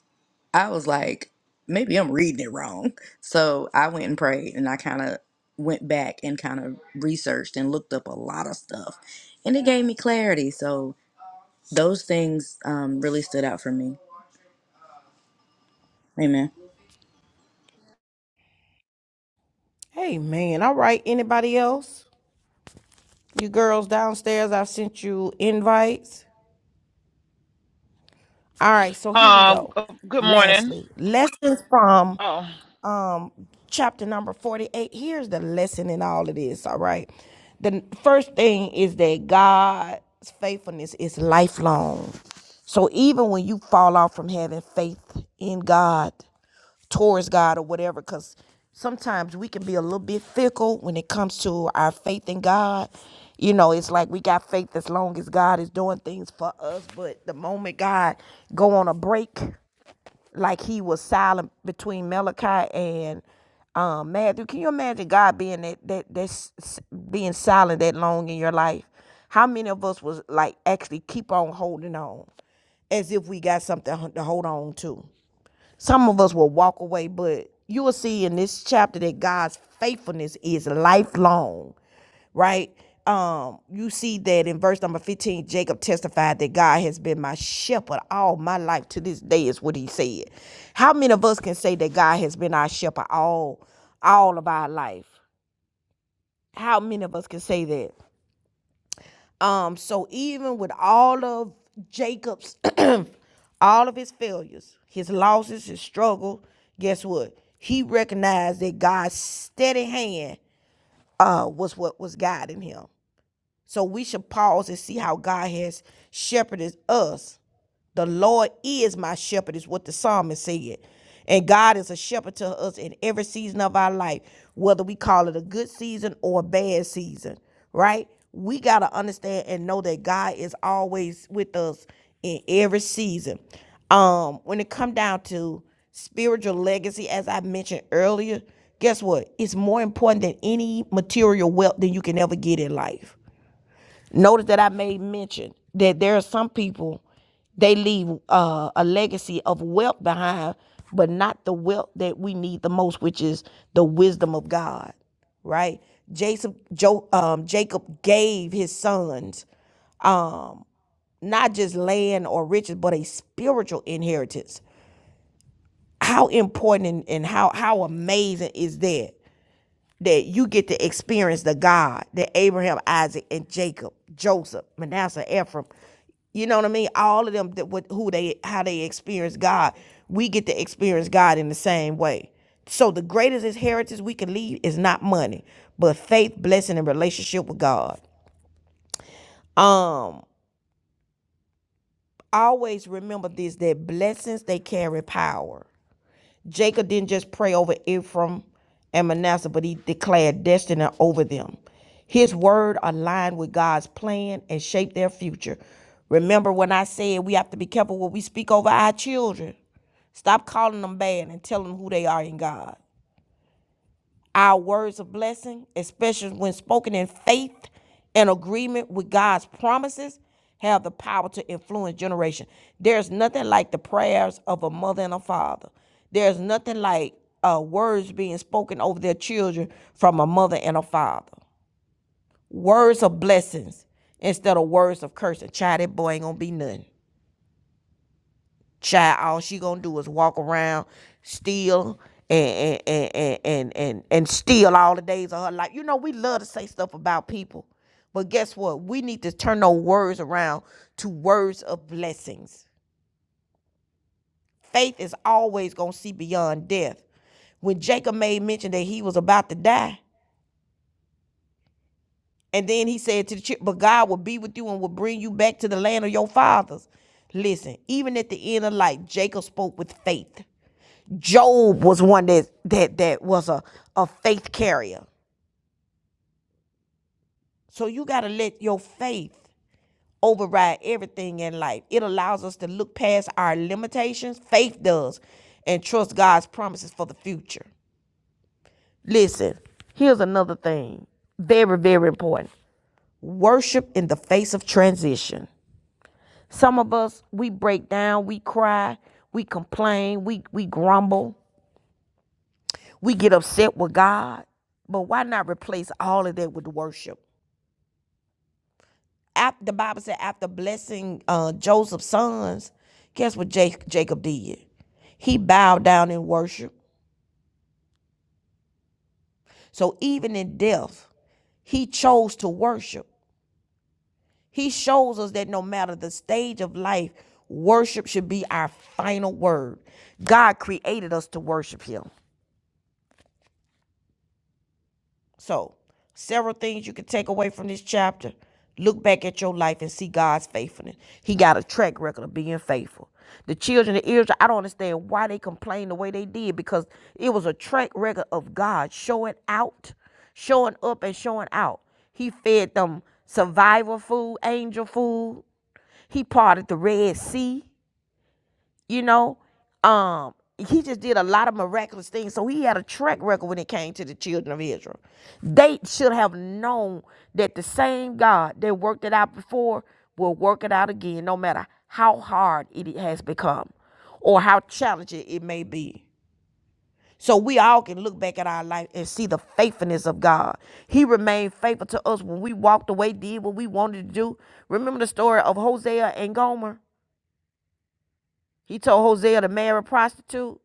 Speaker 4: I was like, maybe I'm reading it wrong. So I went and prayed and I kind of went back and kind of researched and looked up a lot of stuff and it gave me clarity. So those things um, really stood out for me. Amen.
Speaker 1: Hey man, all right. Anybody else? You girls downstairs, I've sent you invites. All right, so here we
Speaker 5: Uh,
Speaker 1: go.
Speaker 5: g- good morning.
Speaker 1: Lastly, lessons from
Speaker 5: Oh,
Speaker 1: um chapter number 48. Here's the lesson in all of this, all right? The first thing is that God's faithfulness is lifelong. So even when you fall off from having faith in God, towards God or whatever, because sometimes we can be a little bit fickle when it comes to our faith in God. You know, it's like we got faith as long as God is doing things for us, but the moment God go on a break, like He was silent between Malachi and um, Matthew, can you imagine God being that that that's being silent that long in your life? How many of us was like actually keep on holding on, as if we got something to hold on to? Some of us will walk away, but you will see in this chapter that God's faithfulness is lifelong, right? Um, you see that in verse number 15, Jacob testified that God has been my shepherd all my life to this day, is what he said. How many of us can say that God has been our shepherd all all of our life? How many of us can say that? Um, so even with all of Jacob's, all of his failures, his losses, his struggle, guess what? He recognized that God's steady hand uh, was what was guiding him. So we should pause and see how God has shepherded us. The Lord is my shepherd, is what the psalmist said. And God is a shepherd to us in every season of our life, whether we call it a good season or a bad season, right? We got to understand and know that God is always with us in every season. Um, when it come down to spiritual legacy, as I mentioned earlier, guess what? It's more important than any material wealth that you can ever get in life Notice that I made mention that there are some people they leave uh, a legacy of wealth behind, but not the wealth that we need the most, which is the wisdom of God. Right? Jason, jo, um, Jacob gave his sons um, not just land or riches, but a spiritual inheritance. How important and, and how how amazing is that? that you get to experience the God that Abraham, Isaac, and Jacob, Joseph, Manasseh, Ephraim, you know what I mean? All of them that what who they how they experience God, we get to experience God in the same way. So the greatest inheritance we can leave is not money, but faith, blessing, and relationship with God. Um, always remember this that blessings they carry power. Jacob didn't just pray over Ephraim and Manasseh, but he declared destiny over them. His word aligned with God's plan and shaped their future. Remember when I said we have to be careful what we speak over our children? Stop calling them bad and tell them who they are in God. Our words of blessing, especially when spoken in faith and agreement with God's promises, have the power to influence generation. There's nothing like the prayers of a mother and a father. There's nothing like uh, words being spoken over their children from a mother and a father. Words of blessings instead of words of cursing. Child, that boy ain't gonna be nothing. Child, all she gonna do is walk around, steal, and and and and and, and steal all the days of her life. You know, we love to say stuff about people, but guess what? We need to turn those words around to words of blessings. Faith is always gonna see beyond death. When Jacob made mention that he was about to die, and then he said to the children, But God will be with you and will bring you back to the land of your fathers. Listen, even at the end of life, Jacob spoke with faith. Job was one that that that was a, a faith carrier. So you gotta let your faith override everything in life. It allows us to look past our limitations. Faith does, and trust God's promises for the future. Listen, here's another thing. Very, very important. Worship in the face of transition. Some of us, we break down, we cry, we complain, we we grumble. We get upset with God, but why not replace all of that with worship? After, the Bible said, after blessing uh, Joseph's sons, guess what Ja- Jacob did? He bowed down in worship. So even in death, he chose to worship. He shows us that no matter the stage of life, worship should be our final word. God created us to worship him. So, several things you can take away from this chapter. Look back at your life and see God's faithfulness. He got a track record of being faithful. The children of Israel, I don't understand why they complained the way they did because it was a track record of God showing out, showing up, and showing out. He fed them survival food, angel food. He parted the Red Sea you know um he just did a lot of miraculous things so he had a track record when it came to the children of israel they should have known that the same god that worked it out before will work it out again no matter how hard it has become or how challenging it may be so we all can look back at our life and see the faithfulness of God. He remained faithful to us when we walked away, did what we wanted to do. Remember the story of Hosea and Gomer? He told Hosea to marry a prostitute.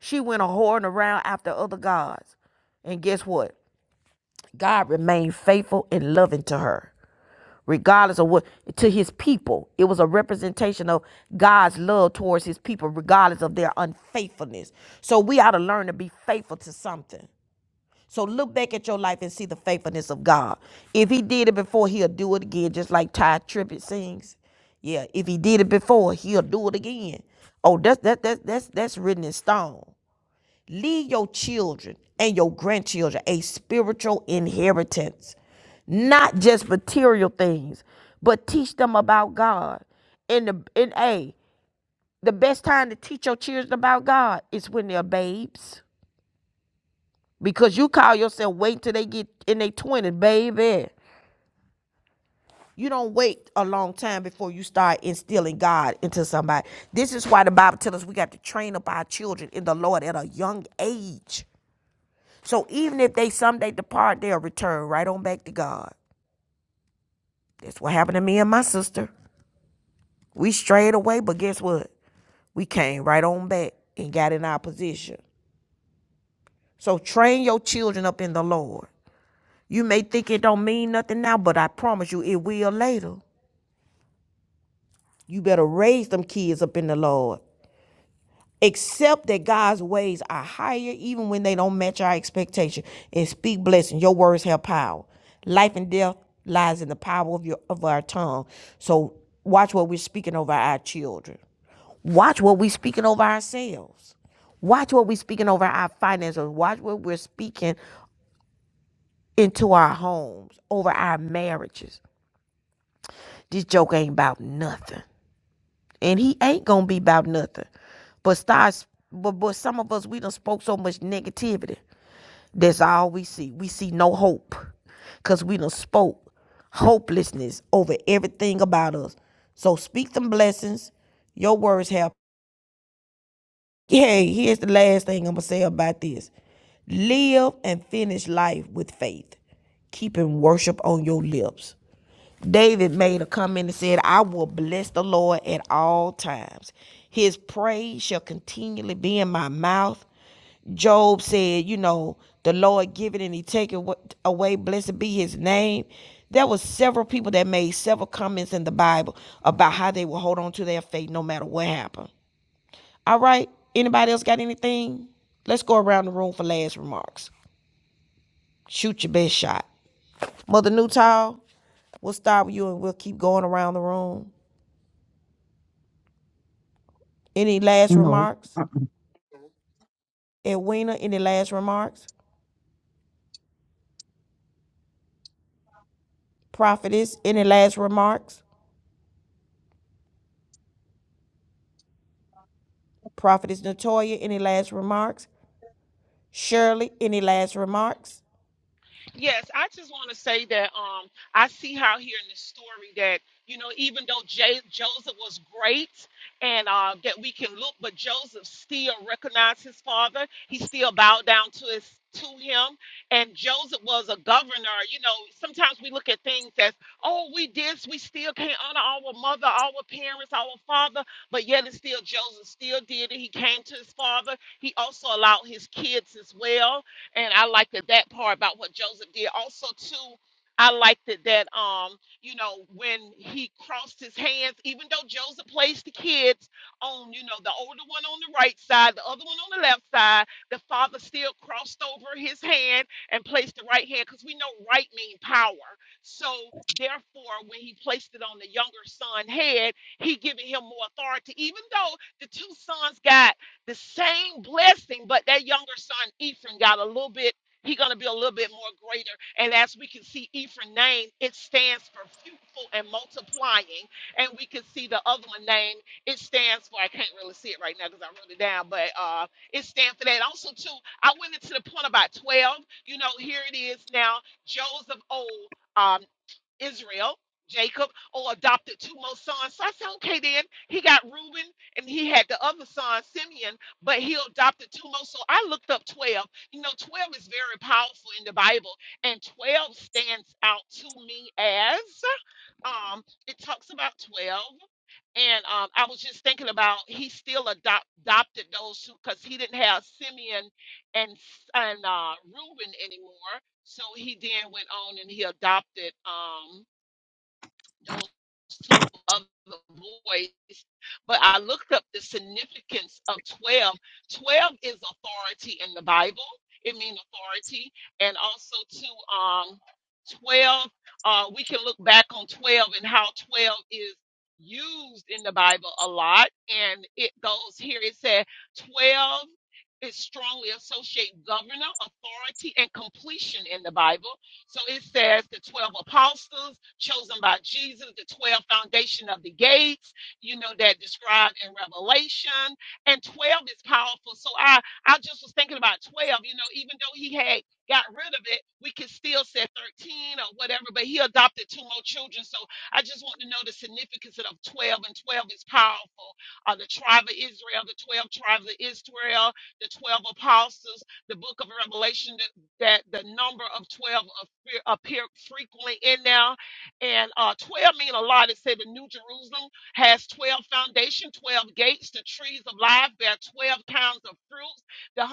Speaker 1: She went a whoring around after other gods. And guess what? God remained faithful and loving to her, regardless of what, to his people. It was a representation of God's love towards his people, regardless of their unfaithfulness. So we ought to learn to be faithful to something. So look back at your life and see the faithfulness of God. If he did it before, he'll do it again, just like Ty Trippett sings. Yeah, if he did it before, he'll do it again. Oh, that's that that that's that's written in stone. Leave your children and your grandchildren a spiritual inheritance, not just material things, but teach them about God. And the and a the best time to teach your children about God is when they're babes. Because you call yourself wait till they get in their twenties, baby. You don't wait a long time before you start instilling God into somebody. This is why the Bible tells us we got to train up our children in the Lord at a young age. So even if they someday depart, they'll return right on back to God. That's what happened to me and my sister. We strayed away, but guess what? We came right on back and got in our position. So train your children up in the Lord. You may think it don't mean nothing now, but I promise you it will later. You better raise them kids up in the Lord. Accept that God's ways are higher even when they don't match our expectation and speak blessing. Your words have power. Life and death lies in the power of your of our tongue. So watch what we're speaking over our children. Watch what we're speaking over ourselves. Watch what we're speaking over our finances. Watch what we're speaking into our homes, over our marriages. This joke ain't about nothing. and he ain't gonna be about nothing. But stars, but but some of us we done spoke so much negativity. That's all we see. We see no hope, cause we done spoke hopelessness over everything about us. So speak them blessings. Your words have. Hey, here's the last thing I'm gonna say about this. Live and finish life with faith, keeping worship on your lips. David made a comment and said, I will bless the Lord at all times. His praise shall continually be in my mouth. Job said, you know, the Lord give it and he take it away. Blessed be his name. There was several people that made several comments in the Bible about how they will hold on to their faith no matter what happened. All right. Anybody else got anything? Let's go around the room for last remarks. Shoot your best shot. Mother Newtall, we'll start with you and we'll keep going around the room. Any last
Speaker 3: No.
Speaker 1: remarks?
Speaker 3: Uh-uh.
Speaker 1: Edwina, any last remarks? Prophetess, any last remarks? Prophetess Natoya, any last remarks? Shirley, any last remarks?
Speaker 5: Yes, I just want to say that um, I see how here in this story that you know even though J- Joseph was great and uh, that we can look, but Joseph still recognized his father. He still bowed down to his to him, and Joseph was a governor. You know, sometimes we look at things as oh we this, we still can't honor our mother, our parents, our father, but yet it's still Joseph still did it. He came to his father. He also allowed his kids as well and I liked that, that part about what Joseph did. Also, too, I liked it that um, you know, when he crossed his hands, even though Joseph placed the kids on, you know, the older one on the right side, the other one on the left side, the father still crossed over his hand and placed the right hand because we know right mean power. So therefore, when he placed it on the younger son head, he giving him more authority, even though the two sons got the same blessing, but that younger son Ephraim got a little bit. He gonna be a little bit more greater, and as we can see, Ephraim name it stands for fruitful and multiplying, and we can see the other one name it stands for. I can't really see it right now because I wrote it down, but uh, it stands for that. Also, too, I went into the point about twelve. You know, here it is now. Joseph old. Israel, Jacob, or adopted two more sons. So I said, okay, then he got Reuben and he had the other son, Simeon, but he adopted two more. So I looked up 12. You know, 12 is very powerful in the Bible, and 12 stands out to me as um, it talks about 12 and um, I was just thinking about he still adopt, adopted those two because he didn't have Simeon and S- and uh, Reuben anymore. So he then went on and he adopted. um, those two other boys, but I looked up the significance of 12. 12 is authority in the Bible, it means authority. And also, to um, 12, uh, we can look back on 12 and how 12 is used in the Bible a lot. And it goes here it said, 12 is strongly associate governor, authority, and completion in the Bible. So it says the 12 apostles chosen by Jesus, the 12 foundation of the gates, you know, that described in Revelation. And 12 is powerful. So I, I just was thinking about 12, you know, even though he had got rid of it, we could still say 13 or whatever, but he adopted two more children. So I just want to know the significance of 12, and 12 is powerful. Uh, the tribe of Israel, the 12 tribes of Israel, the 12 apostles, the book of Revelation. the that the number of 12 appear, appear frequently in there. And uh, 12 mean a lot. It said the New Jerusalem has 12 foundation, 12 gates, the trees of life bear 12 kinds of fruits, the 144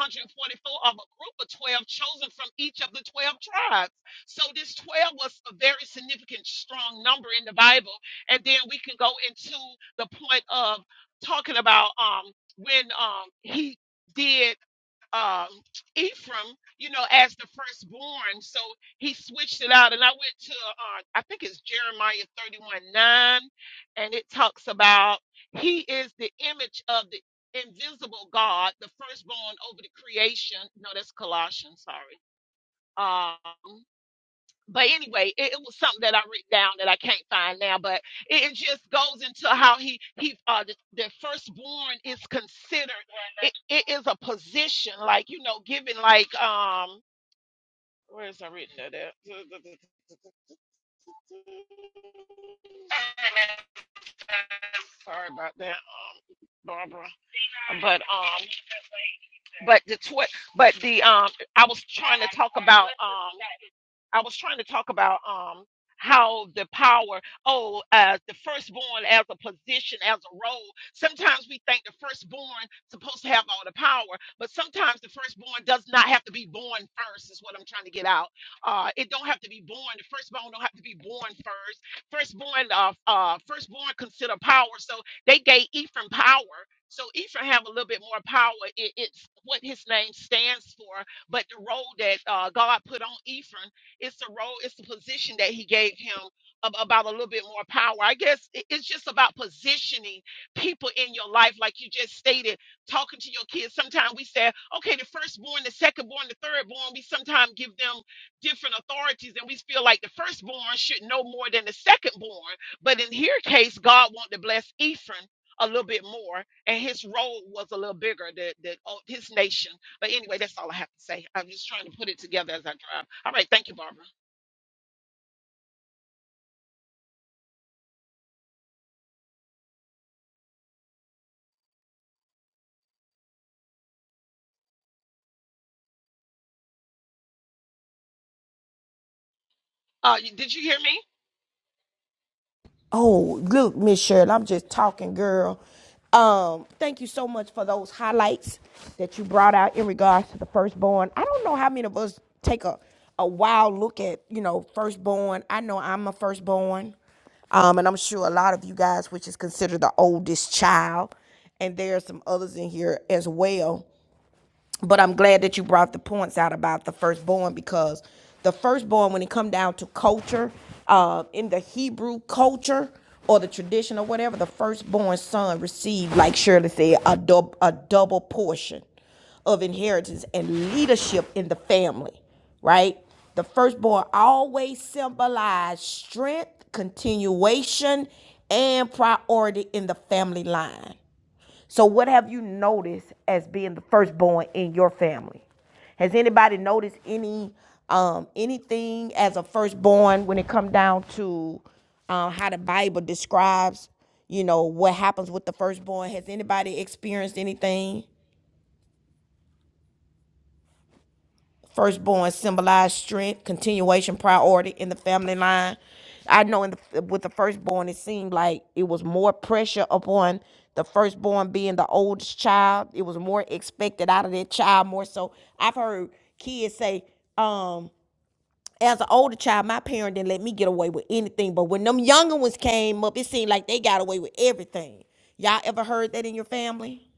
Speaker 5: of a group of 12 chosen from each of the 12 tribes. So this 12 was a very significant, strong number in the Bible. And then we can go into the point of talking about um, when um, he did uh, Ephraim, you know, as the firstborn. So he switched it out. And I went to, uh, I think it's Jeremiah 31 9, and it talks about he is the image of the invisible God, the firstborn over the creation. No, that's Colossians, sorry. Um, but anyway, it, it was something that I wrote down that I can't find now. But it, it just goes into how he he uh the, the firstborn is considered. It, it is a position like you know given like um where is I written that at? Sorry about that, um, Barbara. But um, but the twi- but the um, I was trying to talk about um. I was trying to talk about um how the power oh uh the firstborn as a position as a role sometimes we think the firstborn supposed to have all the power but sometimes the firstborn does not have to be born first is what i'm trying to get out uh it don't have to be born the firstborn don't have to be born first firstborn uh uh firstborn consider power so they gave ephraim power so ephraim have a little bit more power it, it's what his name stands for but the role that uh, god put on ephraim it's the role, it's the position that he gave him ab- about a little bit more power. I guess it- it's just about positioning people in your life, like you just stated, talking to your kids. Sometimes we say, okay, the firstborn, the secondborn, the thirdborn, we sometimes give them different authorities and we feel like the firstborn should know more than the secondborn. But in here case, God wanted to bless Ephraim a little bit more and his role was a little bigger than, than oh, his nation but anyway, that's all I have to say. I'm just trying to put it together as I drive. All right, thank you, Barbara. Uh, you- did you hear me?
Speaker 1: Oh, look, Miss Shirley, I'm just talking, girl. Um, thank you so much for those highlights that you brought out in regards to the firstborn. I don't know how many of us take a, a wild look at, you know, firstborn. I know I'm a firstborn. Um, and I'm sure a lot of you guys, which is considered the oldest child, and there are some others in here as well but I'm glad that you brought the points out about the firstborn because the firstborn, when it come down to culture, uh, in the Hebrew culture or the tradition or whatever, the firstborn son received, like Shirley said, a, dub- a double portion of inheritance and leadership in the family, right? The firstborn always symbolized strength, continuation, and priority in the family line. So, what have you noticed as being the firstborn in your family? Has anybody noticed any um, anything as a firstborn when it come down to um, how the Bible describes, you know, what happens with the firstborn? Has anybody experienced anything? Firstborn symbolized strength, continuation, priority in the family line. I know in the, with the firstborn, it seemed like it was more pressure upon the firstborn being the oldest child. It was more expected out of that child more so. I've heard kids say, um, as an older child, my parent didn't let me get away with anything. But when them younger ones came up, it seemed like they got away with everything. Y'all ever heard that in your family?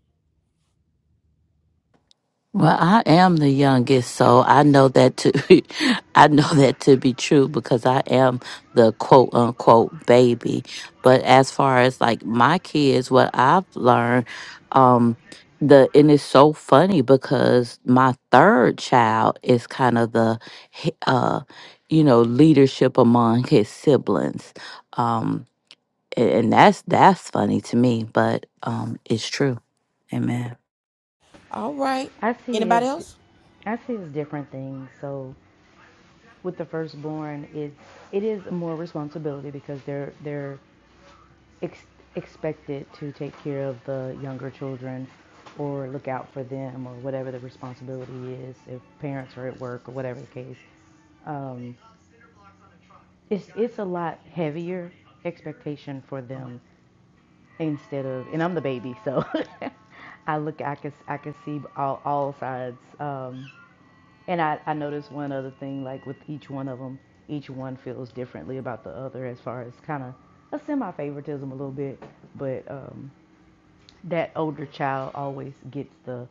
Speaker 2: Well, I am the youngest, so I know that to I know that to be true because I am the quote unquote baby. But as far as like my kids, what I've learned, um, the and it's so funny because my third child is kind of the he- uh, you know, leadership among his siblings. Um, a- and that's that's funny to me, but um, it's true. Amen.
Speaker 1: All right.
Speaker 4: I see
Speaker 1: Anybody
Speaker 4: it.
Speaker 1: else?
Speaker 4: I see it as different things. So with the firstborn, it it is more responsibility because they're they're ex- expected to take care of the younger children, or look out for them, or whatever the responsibility is. If parents are at work or whatever the case, um, it's it's a lot heavier expectation for them instead of and I'm the baby, so I look I can I can see all, all sides. Um, and I I noticed one other thing like with each one of them, each one feels differently about the other as far as kind of a semi favoritism a little bit, but um, that older child always gets the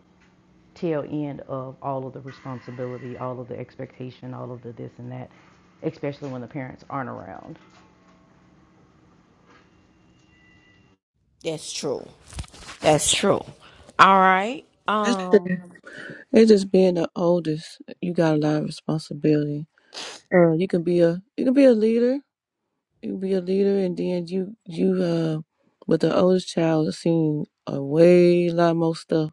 Speaker 4: tail end of all of the responsibility, all of the expectation, all of the this and that, especially when the parents aren't around.
Speaker 1: That's true. That's true. All right.
Speaker 6: That's
Speaker 1: Um.
Speaker 6: true. It's just being the oldest. You got a lot of responsibility. Uh, you can be a you can be a leader. You can be a leader, and then you you uh, with the oldest child, has seen a way lot more stuff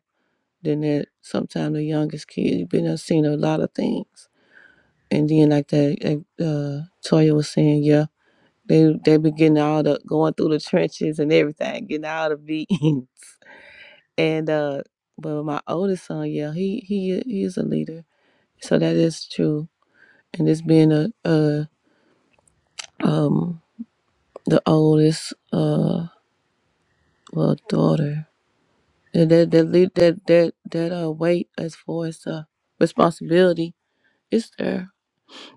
Speaker 6: than that. Sometimes the youngest kid, you've been there seen a lot of things. And then like that, that, uh, Toya was saying, yeah, they they be getting all the going through the trenches and everything, getting all the beatings. and uh, but my oldest son, yeah, he he he is a leader So that is true. And this being a, a um the oldest uh well daughter. That that that lead- that that, that uh weight as far as uh responsibility is there.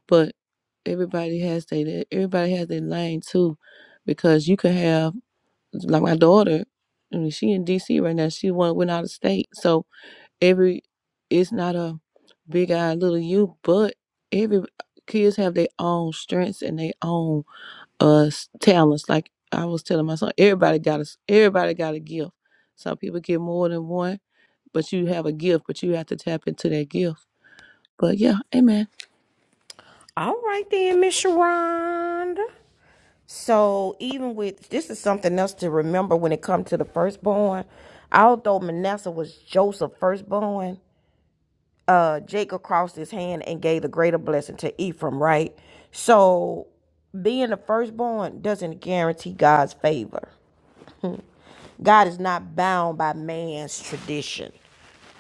Speaker 6: But everybody has their everybody has their lane too. Because you can have like my daughter, I mean she in DC right now, she went went out of state. So every it's not a big eye little you, but every kids have their own strengths and their own us talents. Like I was telling my son, everybody got a everybody got a gift. Some people get more than one, but you have a gift, but you have to tap into that gift. But yeah, amen.
Speaker 1: All right then, Miss Sharonda. So even with this is something else to remember when it comes to the firstborn. Although Manasseh was Joseph's firstborn, uh, Jacob crossed his hand and gave the greater blessing to Ephraim. Right. So being the firstborn doesn't guarantee God's favor. God is not bound by man's tradition.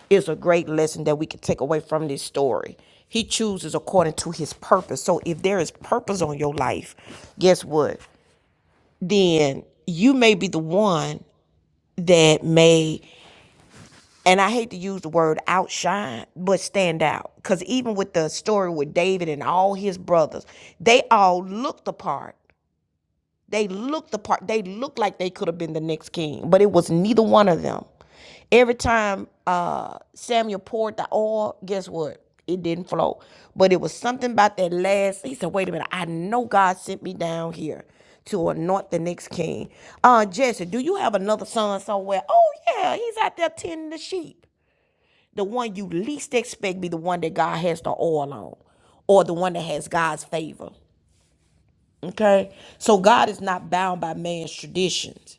Speaker 1: is a great lesson that we can take away from this story. He chooses according to his purpose. So if there is purpose on your life, guess what? Then you may be the one that may, and I hate to use the word outshine, but stand out. Because even with the story with David and all his brothers, they all looked apart They looked the part. They looked like they could have been the next king, but it was neither one of them. Every time uh, Samuel poured the oil, guess what? It didn't flow. But it was something about that last. He said, "Wait a minute! I know God sent me down here to anoint the next king." Uh, Jesse, do you have another son somewhere? Oh yeah, he's out there tending the sheep. The one you least expect be the one that God has the oil on, or the one that has God's favor. Okay? So God is not bound by man's traditions.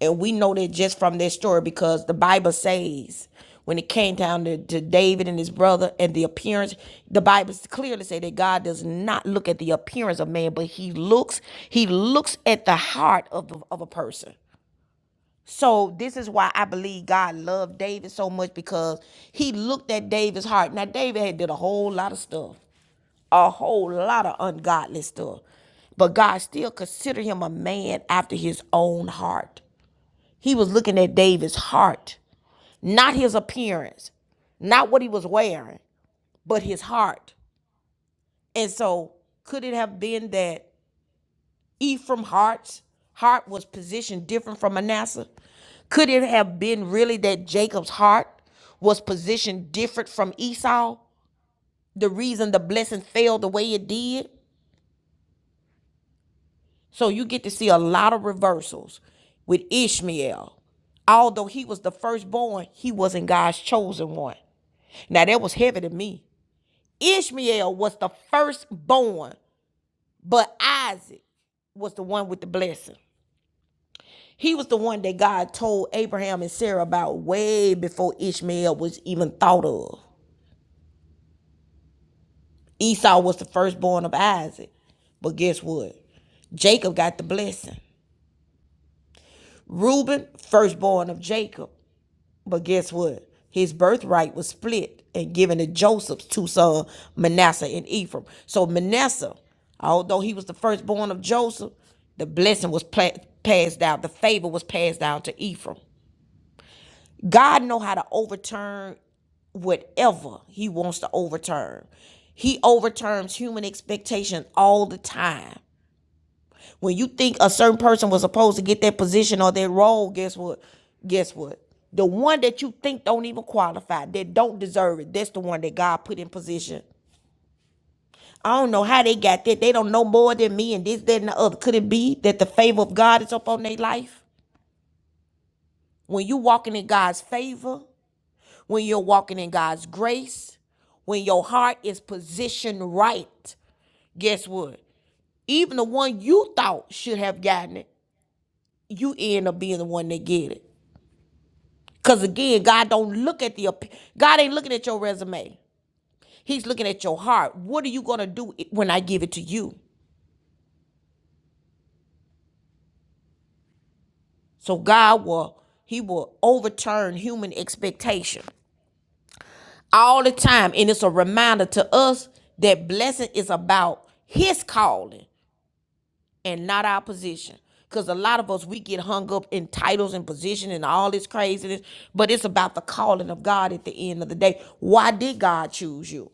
Speaker 1: And we know that just from that story because the Bible says when it came down to, to David and his brother and the appearance, the Bible clearly say that God does not look at the appearance of man, but he looks, he looks at the heart of, the, of a person. So this is why I believe God loved David so much because he looked at David's heart. Now David had did a whole lot of stuff a whole lot of ungodly stuff. But God still considered him a man after his own heart. He was looking at David's heart, not his appearance, not what he was wearing, but his heart. And so, could it have been that Ephraim's heart's heart was positioned different from Manasseh? Could it have been really that Jacob's heart was positioned different from Esau? The reason the blessing fell the way it did? So you get to see a lot of reversals with Ishmael. Although he was the firstborn, he wasn't God's chosen one. Now that was heavy to me. Ishmael was the firstborn, but Isaac was the one with the blessing. He was the one that God told Abraham and Sarah about way before Ishmael was even thought of. Esau was the firstborn of Isaac. But guess what? Jacob got the blessing. Reuben, firstborn of Jacob. But guess what? His birthright was split and given to Joseph's two sons, Manasseh and Ephraim. So Manasseh, although he was the firstborn of Joseph, the blessing was pla- passed down. The favor was passed down to Ephraim. God know how to overturn whatever he wants to overturn. He overturns human expectations all the time. When you think a certain person was supposed to get that position or that role, guess what? Guess what? The one that you think don't even qualify, that don't deserve it, that's the one that God put in position. I don't know how they got that. They don't know more than me and this, that, and the other. Could it be that the favor of God is up on their life? When you are walking in God's favor, when you're walking in God's grace, when your heart is positioned right, guess what? Even the one you thought should have gotten it, you end up being the one that get it. Cause again, God don't look at the ap- God ain't looking at your resume. He's looking at your heart. What are you gonna do i- when I give it to you? So God will He will overturn human expectation all the time, and it's a reminder to us that blessing is about His calling and not our position. Cause a lot of us we get hung up in titles and position and all this craziness, but it's about the calling of God at the end of the day. Why did God choose you?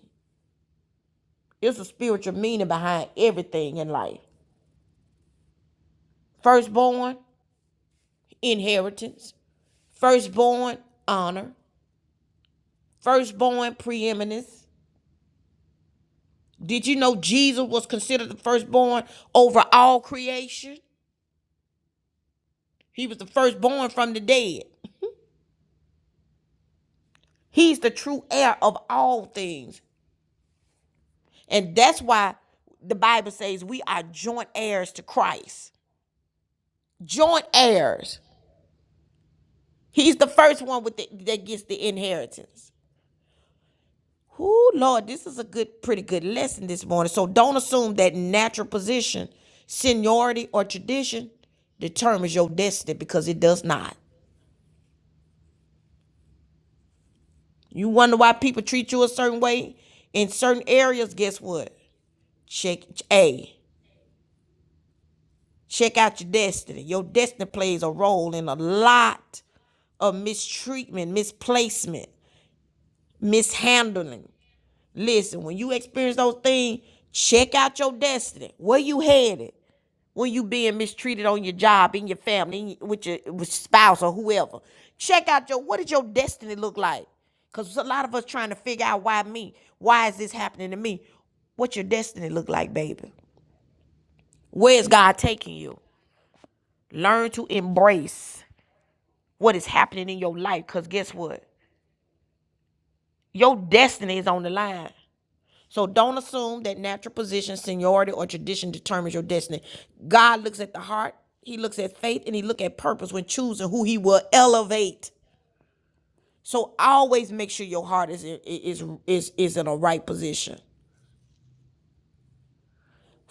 Speaker 1: It's a spiritual meaning behind everything in life. Firstborn, inheritance. Firstborn, honor. Firstborn, preeminence. Did you know Jesus was considered the firstborn over all creation? He was the firstborn from the dead. He's the true heir of all things. And that's why the Bible says we are joint heirs to Christ. Joint heirs. He's the first one with the, that gets the inheritance. Whoo, Lord, this is a good, pretty good lesson this morning. So don't assume that natural position, seniority, or tradition determines your destiny because it does not. You wonder why people treat you a certain way in certain areas. Guess what? Check A. Check out your destiny. Your destiny plays a role in a lot of mistreatment, misplacement, mishandling. Listen, when you experience those things, check out your destiny. Where you headed? when you being mistreated on your job, in your family, in your- with your spouse or whoever. Check out your what does your destiny look like? Cause a lot of us trying to figure out why me? Why is this happening to me? What your destiny look like, baby? Where is God taking you? Learn to embrace what is happening in your life. Cause guess what? Your destiny is on the line. So don't assume that natural position, seniority, or tradition determines your destiny. God looks at the heart, He looks at faith, and He looks at purpose when choosing who He will elevate. So always make sure your heart is is is is in a right position.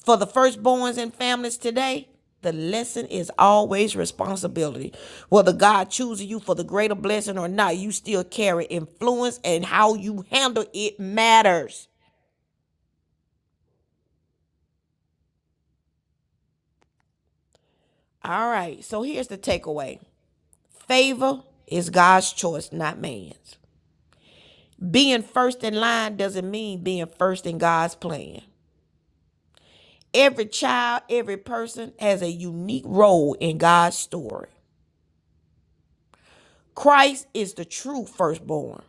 Speaker 1: For the firstborns and families today, the lesson is always responsibility. Whether God chooses you for the greater blessing or not, you still carry influence, and how you handle it matters. All right, so here's the takeaway Favor is God's choice, not man's. Being first in line doesn't mean being first in God's plan. Every child, every person has a unique role in God's story. Christ is the true firstborn.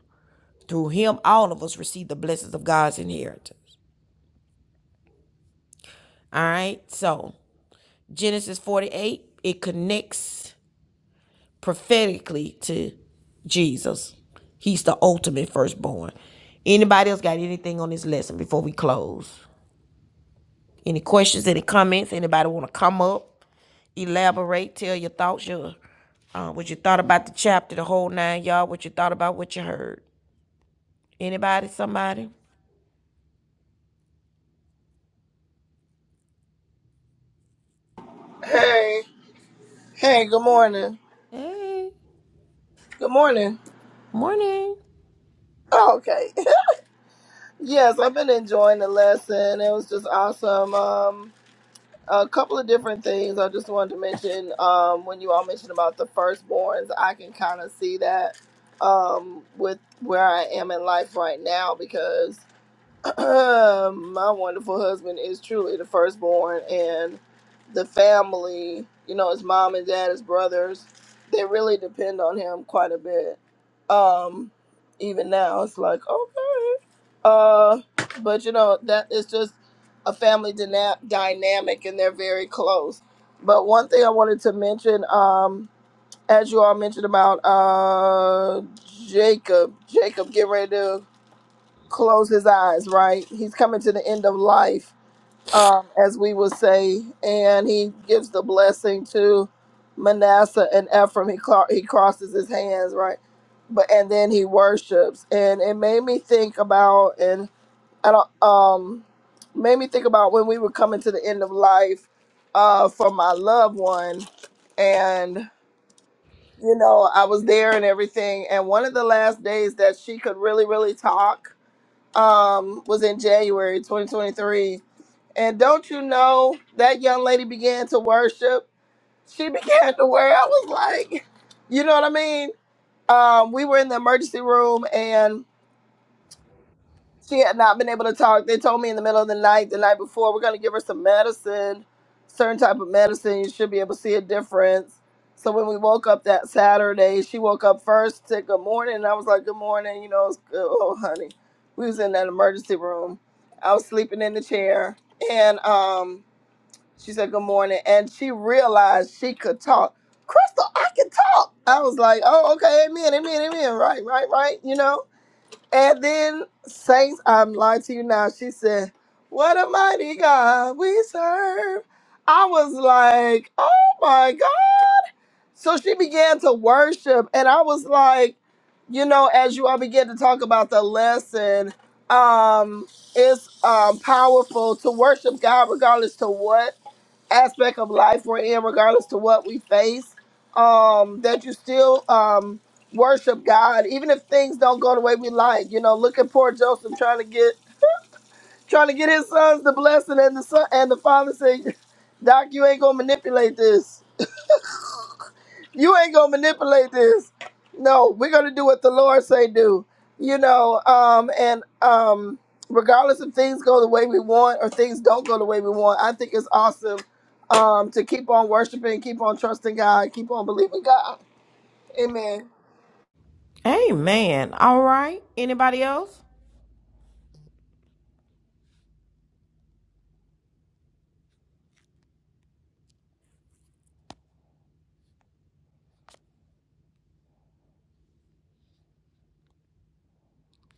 Speaker 1: Through him, all of us receive the blessings of God's inheritance. All right, so Genesis 48, it connects prophetically to Jesus. He's the ultimate firstborn. Anybody else got anything on this lesson before we close? Any questions, any comments? Anybody want to come up, elaborate, tell your thoughts, your uh, what you thought about the chapter, the whole nine you y'all. what you thought about what you heard? Anybody, somebody?
Speaker 7: Hey, hey, good morning.
Speaker 1: Hey,
Speaker 7: Good morning.
Speaker 1: morning.
Speaker 7: Oh, okay. yes, I've been enjoying the lesson. It was just awesome. Um, a couple of different things I just wanted to mention. Um, when you all mentioned about the firstborns, I can kind of see that um, with where I am in life right now because my wonderful husband is truly the firstborn and the family you know his mom and dad his brothers they really depend on him quite a bit um even now it's like okay uh but you know that is just a family dyna- dynamic and they're very close but one thing i wanted to mention um as you all mentioned about uh jacob jacob get ready to close his eyes, right? He's coming to the end of life, um, as we would say, and he gives the blessing to Manasseh and Ephraim. He cro- he crosses his hands, right? But and then he worships, and it made me think about and I don't um made me think about when we were coming to the end of life, uh, for my loved one, and you know I was there and everything, and one of the last days that she could really really talk um was in January 2023. And don't you know that young lady began to worship? She began to worship. I was like, you know what I mean? Um, we were in the emergency room and. She had not been able to talk. They told me in the middle of the night, the night before, we're gonna give her some medicine, certain type of medicine. You should be able to see a difference. So when we woke up that Saturday, she woke up first, said good morning, and I was like, good morning, you know, it's good. oh honey, we was in that emergency room. I was sleeping in the chair, and um, she said good morning, and she realized she could talk. Crystal, I can talk. I was like, oh okay, amen, amen, amen, right, right, right, you know. And then Saints, I'm lying to you now. She said, What a mighty God we serve. I was like, Oh my God. So she began to worship. And I was like, you know, as you all begin to talk about the lesson, um, it's um powerful to worship God regardless to what aspect of life we're in, regardless to what we face, um, that you still um, worship God, even if things don't go the way we like. You know, look at poor Joseph trying to get trying to get his sons the blessing, and the son and the father saying, "Doc, you ain't gonna manipulate this." You ain't gonna manipulate this. No, we're gonna do what the Lord say do. You know, um, and um, regardless if things go the way we want or things don't go the way we want, I think it's awesome um, to keep on worshiping, keep on trusting God, keep on believing God. Amen.
Speaker 1: Hey, man. All right. Anybody else?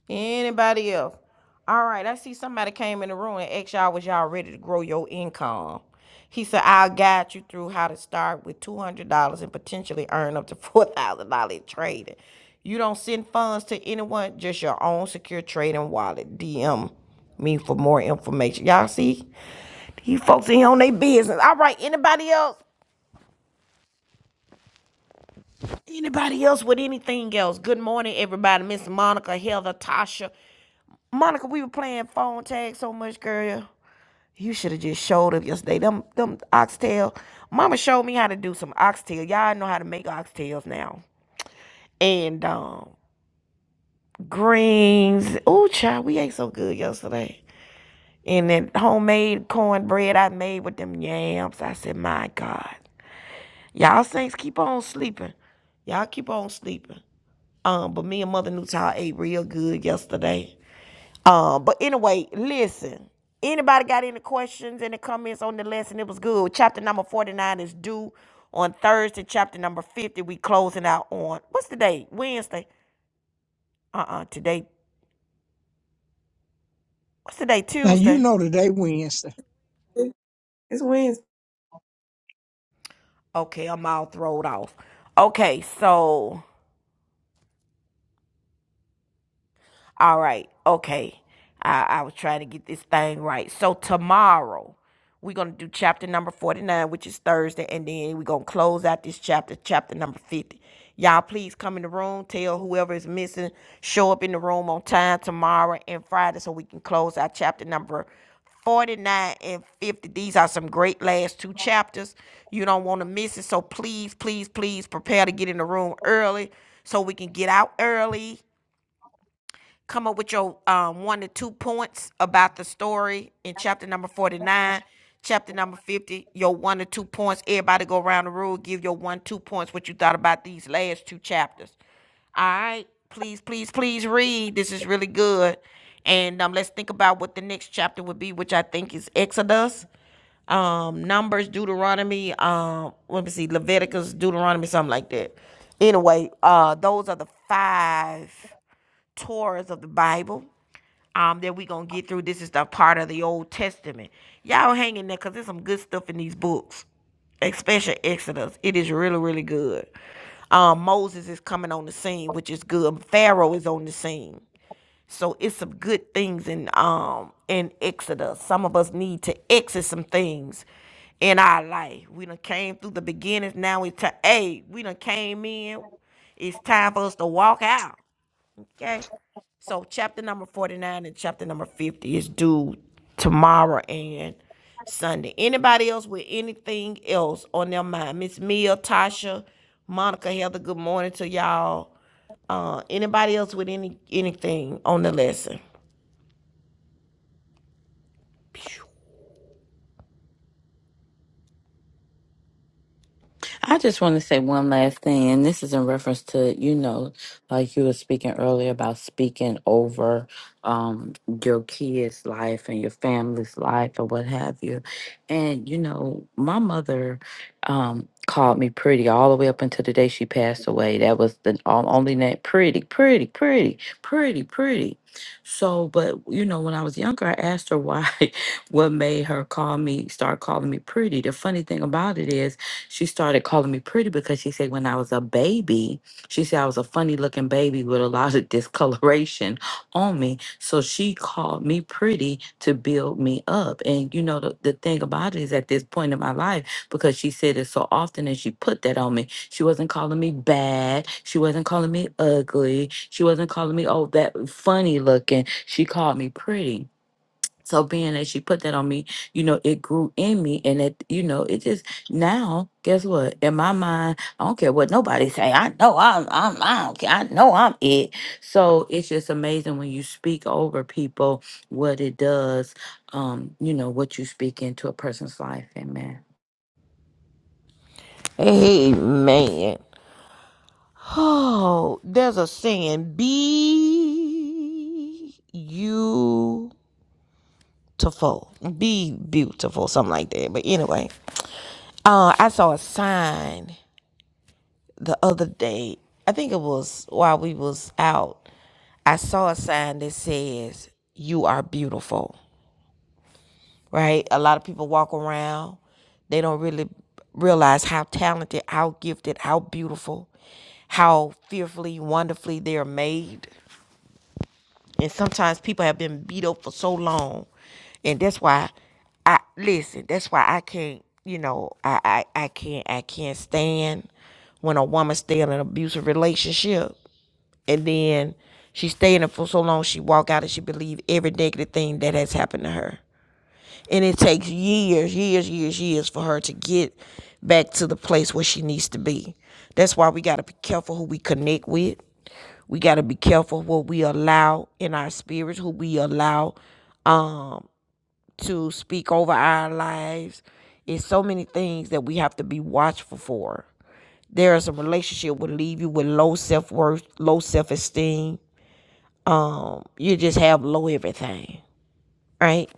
Speaker 1: Anybody else? All right, I see somebody came in the room and asked y'all was y'all ready to grow your income. He said, I'll guide you through how to start with $200 and potentially earn up to $4,000 in trading. You don't send funds to anyone, just your own secure trading wallet. DM me for more information. Y'all see? These folks in here on their business. All right, anybody else? Anybody else with anything else? Good morning, everybody. Miss Monica, Heather, Tasha. Monica, we were playing phone tag so much, girl. You should have just showed up yesterday. Them them oxtail. Mama showed me how to do some oxtail. Y'all know how to make oxtails now. And um greens. Ooh, child, we ate so good yesterday. And that homemade cornbread I made with them yams. I said, my God. Y'all saints keep on sleeping. Y'all keep on sleeping. Um, but me and Mother Newtile ate real good yesterday. Um, but anyway, listen. Anybody got any questions, any comments on the lesson? It was good. Chapter number 49 is due on Thursday. Chapter number 50, we closing out on what's the day? Wednesday. Uh-uh. Today. What's the day?
Speaker 3: Now, you
Speaker 1: Tuesday.
Speaker 3: know today Wednesday.
Speaker 1: Okay, I'm all throwed off. Okay, so All right, okay. I, I was trying to get this thing right. So tomorrow we're gonna do chapter number forty nine, which is Thursday, and then we're gonna close out this chapter, chapter number fifty. Y'all please come in the room, tell whoever is missing, show up in the room on time tomorrow and Friday so we can close out chapter number 49 and 50. These are some great last two chapters. You don't want to miss it. So please, please, please prepare to get in the room early so we can get out early come up with your um, one to two points about the story in chapter number 49 chapter number 50 your one to two points everybody go around the room give your one two points what you thought about these last two chapters all right please please please read this is really good and um, let's think about what the next chapter would be which i think is exodus um numbers deuteronomy um let me see leviticus deuteronomy something like that anyway uh those are the five tours of the Bible um, that we're going to get through. This is the part of the Old Testament. Y'all hang in there because there's some good stuff in these books, especially Exodus. It is really, really good. Um, Moses is coming on the scene, which is good. Pharaoh is on the scene. So it's some good things in um in Exodus. Some of us need to exit some things in our life. We done came through the beginnings. Now it's time. Hey, we done came in. It's time for us to walk out. Okay. So chapter number 49 and chapter number 50 is due tomorrow and Sunday. Anybody else with anything else on their mind? Miss Mia, Tasha, Monica, Heather, good morning to y'all. Uh, anybody else with any anything on the lesson?
Speaker 2: I just want to say one last thing, and this is in reference to, you know, like you were speaking earlier about speaking over um, your kids' life and your family's life or what have you. And, you know, my mother um, called me pretty all the way up until the day she passed away. That was the o- only name pretty, pretty, pretty, pretty, pretty. So, but, you know, when I was younger, I asked her why, what made her call me, start calling me pretty. The funny thing about it is, she started calling me pretty because she said when I was a baby, she said I was a funny looking baby with a lot of discoloration on me. So she called me pretty to build me up. And you know, the, the thing about it is at this point in my life, because she said it so often and she put that on me, she wasn't calling me bad. She wasn't calling me ugly. She wasn't calling me, oh, that funny looking. She called me pretty. So being that she put that on me, you know, it grew in me and it, you know, it just now, guess what? In my mind, I don't care what nobody say. I know I'm I'm I don't care. I know I'm it. So it's just amazing when you speak over people what it does, um, you know, what you speak into a person's life. Amen.
Speaker 1: Amen. Oh, there's a saying, be beautiful. Be beautiful, something like that. But anyway, Uh, I saw a sign the other day. I think it was while we was out. I saw a sign that says "You are beautiful." Right? A lot of people walk around. They don't really realize how talented, how gifted, how beautiful, how fearfully, wonderfully they are made. And sometimes people have been beat up for so long. And that's why I listen, that's why I can't, you know, I I, I can't I can't stand when a woman stay in an abusive relationship and then she stay in it for so long she walk out and she believe every negative thing that has happened to her and it takes years, years, years, years for her to get back to the place where she needs to be. That's why we got to be careful who we connect with. We got to be careful what we allow in our spirits, who we allow um, to speak over our lives. It's so many things that we have to be watchful for. There is a relationship will leave you with low self worth, low self esteem. Um, you just have low everything right?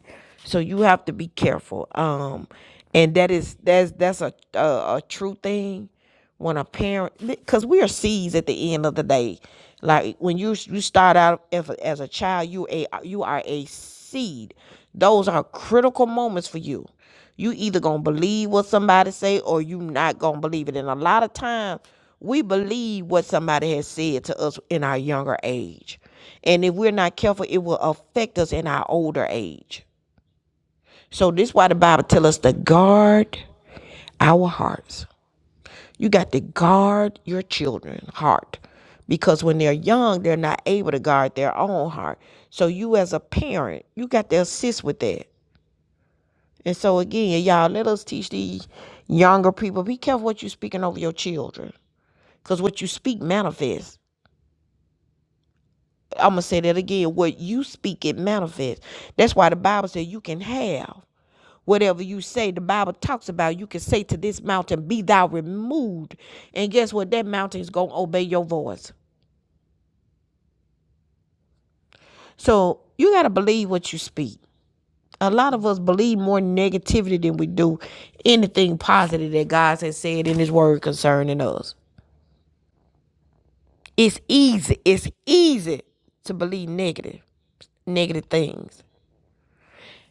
Speaker 1: So you have to be careful. Um, and that is that's that's a a, a true thing when a parent because we are seeds at the end of the day. Like when you you start out as a, as a child, you a you are a seed. Those are critical moments for you. You either gonna believe what somebody say or you not gonna believe it. And a lot of times we believe what somebody has said to us in our younger age. And if we're not careful, it will affect us in our older age. So this is why the Bible tell us to guard our hearts. You got to guard your children's heart because when they're young, they're not able to guard their own heart. So you as a parent, you got to assist with that. And so again, y'all, let us teach these younger people. Be careful what you are speaking over your children. Because what you speak manifests. I'm gonna say that again. What you speak, it manifests. That's why the Bible says you can have whatever you say. The Bible talks about you can say to this mountain, "Be thou removed," and guess what? That mountain is gonna obey your voice. So you gotta believe what you speak. A lot of us believe more negativity than we do anything positive that God has said in His Word concerning us. It's easy. It's easy to believe negative, negative things.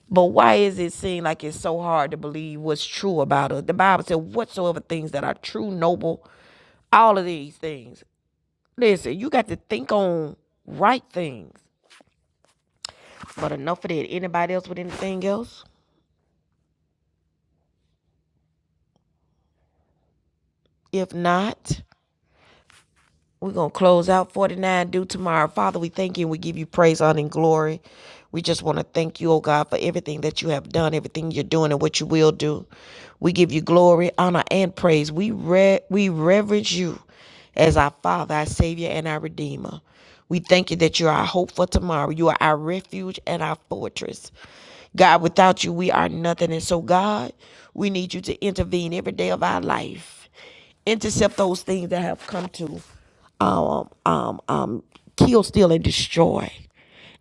Speaker 1: But why is it seem like it's so hard to believe what's true about us? The Bible said, whatsoever things that are true, noble, all of these things. Listen, you got to think on right things. But enough of that. Anybody else with anything else? If not, We're going to close out 49 due tomorrow. Father, we thank you and we give you praise, honor, and glory. We just want to thank you, oh God, for everything that you have done, everything you're doing, and what you will do. We give you glory, honor, and praise. We, re- we reverence you as our Father, our Savior, and our Redeemer. We thank you that you're our hope for tomorrow. You are our refuge and our fortress. God, without you, we are nothing. And so, God, we need you to intervene every day of our life intercept those things that have come to um, um, um, kill, steal, and destroy.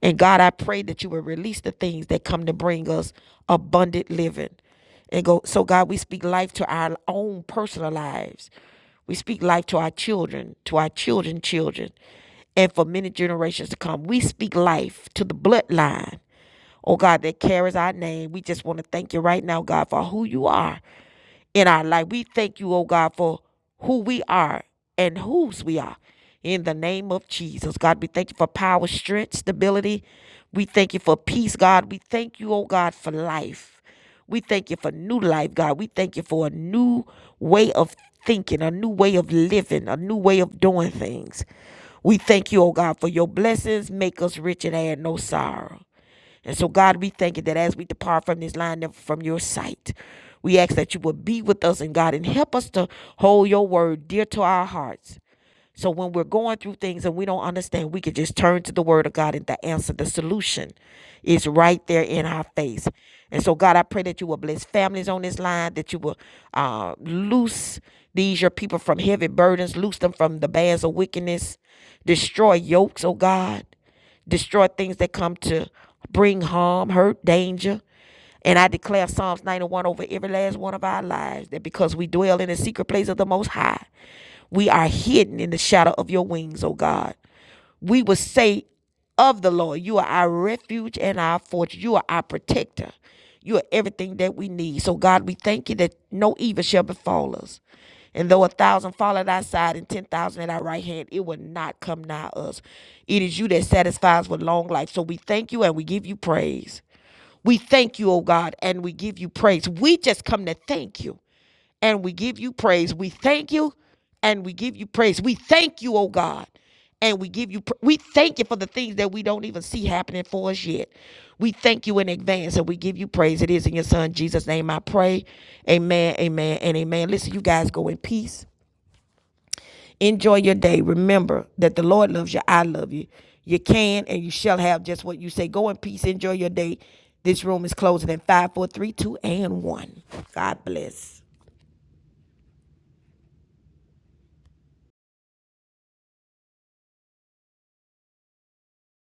Speaker 1: And God, I pray that you will release the things that come to bring us abundant living. And go, so God, we speak life to our own personal lives. We speak life to our children, to our children, children, and for many generations to come. We speak life to the bloodline oh God, that carries our name. We just want to thank you right now, God, for who you are in our life. We thank you, oh God, for who we are and whose we are. In the name of Jesus, God, we thank you for power, strength, stability. We thank you for peace, God. We thank you, oh God, for life. We thank you for new life, God. We thank you for a new way of thinking, a new way of living, a new way of doing things. We thank you, oh God, for your blessings. Make us rich and add no sorrow. And so, God, we thank you that as we depart from this line from your sight, we ask that you would be with us and God and help us to hold your word dear to our hearts. So when we're going through things and we don't understand, we can just turn to the word of God and the answer, the solution is right there in our face. And so, God, I pray that you will bless families on this line, that you will uh, loose these, your people, from heavy burdens, loose them from the bands of wickedness, destroy yokes, oh God, destroy things that come to bring harm, hurt, danger. And I declare Psalms 91 over every last one of our lives that because we dwell in the secret place of the Most High, we are hidden in the shadow of your wings, O God. We will say of the Lord, You are our refuge and our fortress. You are our protector. You are everything that we need. So, God, we thank you that no evil shall befall us. And though a thousand fall at our side and ten thousand at our right hand, it will not come nigh us. It is you that satisfies with long life. So we thank you and we give you praise. We thank you, oh God, and we give you praise. We just come to thank you and we give you praise. We thank you and we give you praise. We thank you, oh God, and we give you pr- we thank you for the things that we don't even see happening for us yet. We thank you in advance and we give you praise. It is in your son Jesus' name I pray. Amen, amen, and amen. Listen, you guys go in peace. Enjoy your day. Remember that the Lord loves you. I love you. You can and you shall have just what you say. Go in peace. Enjoy your day. This room is closing in five, four, three, two, and 1. God bless.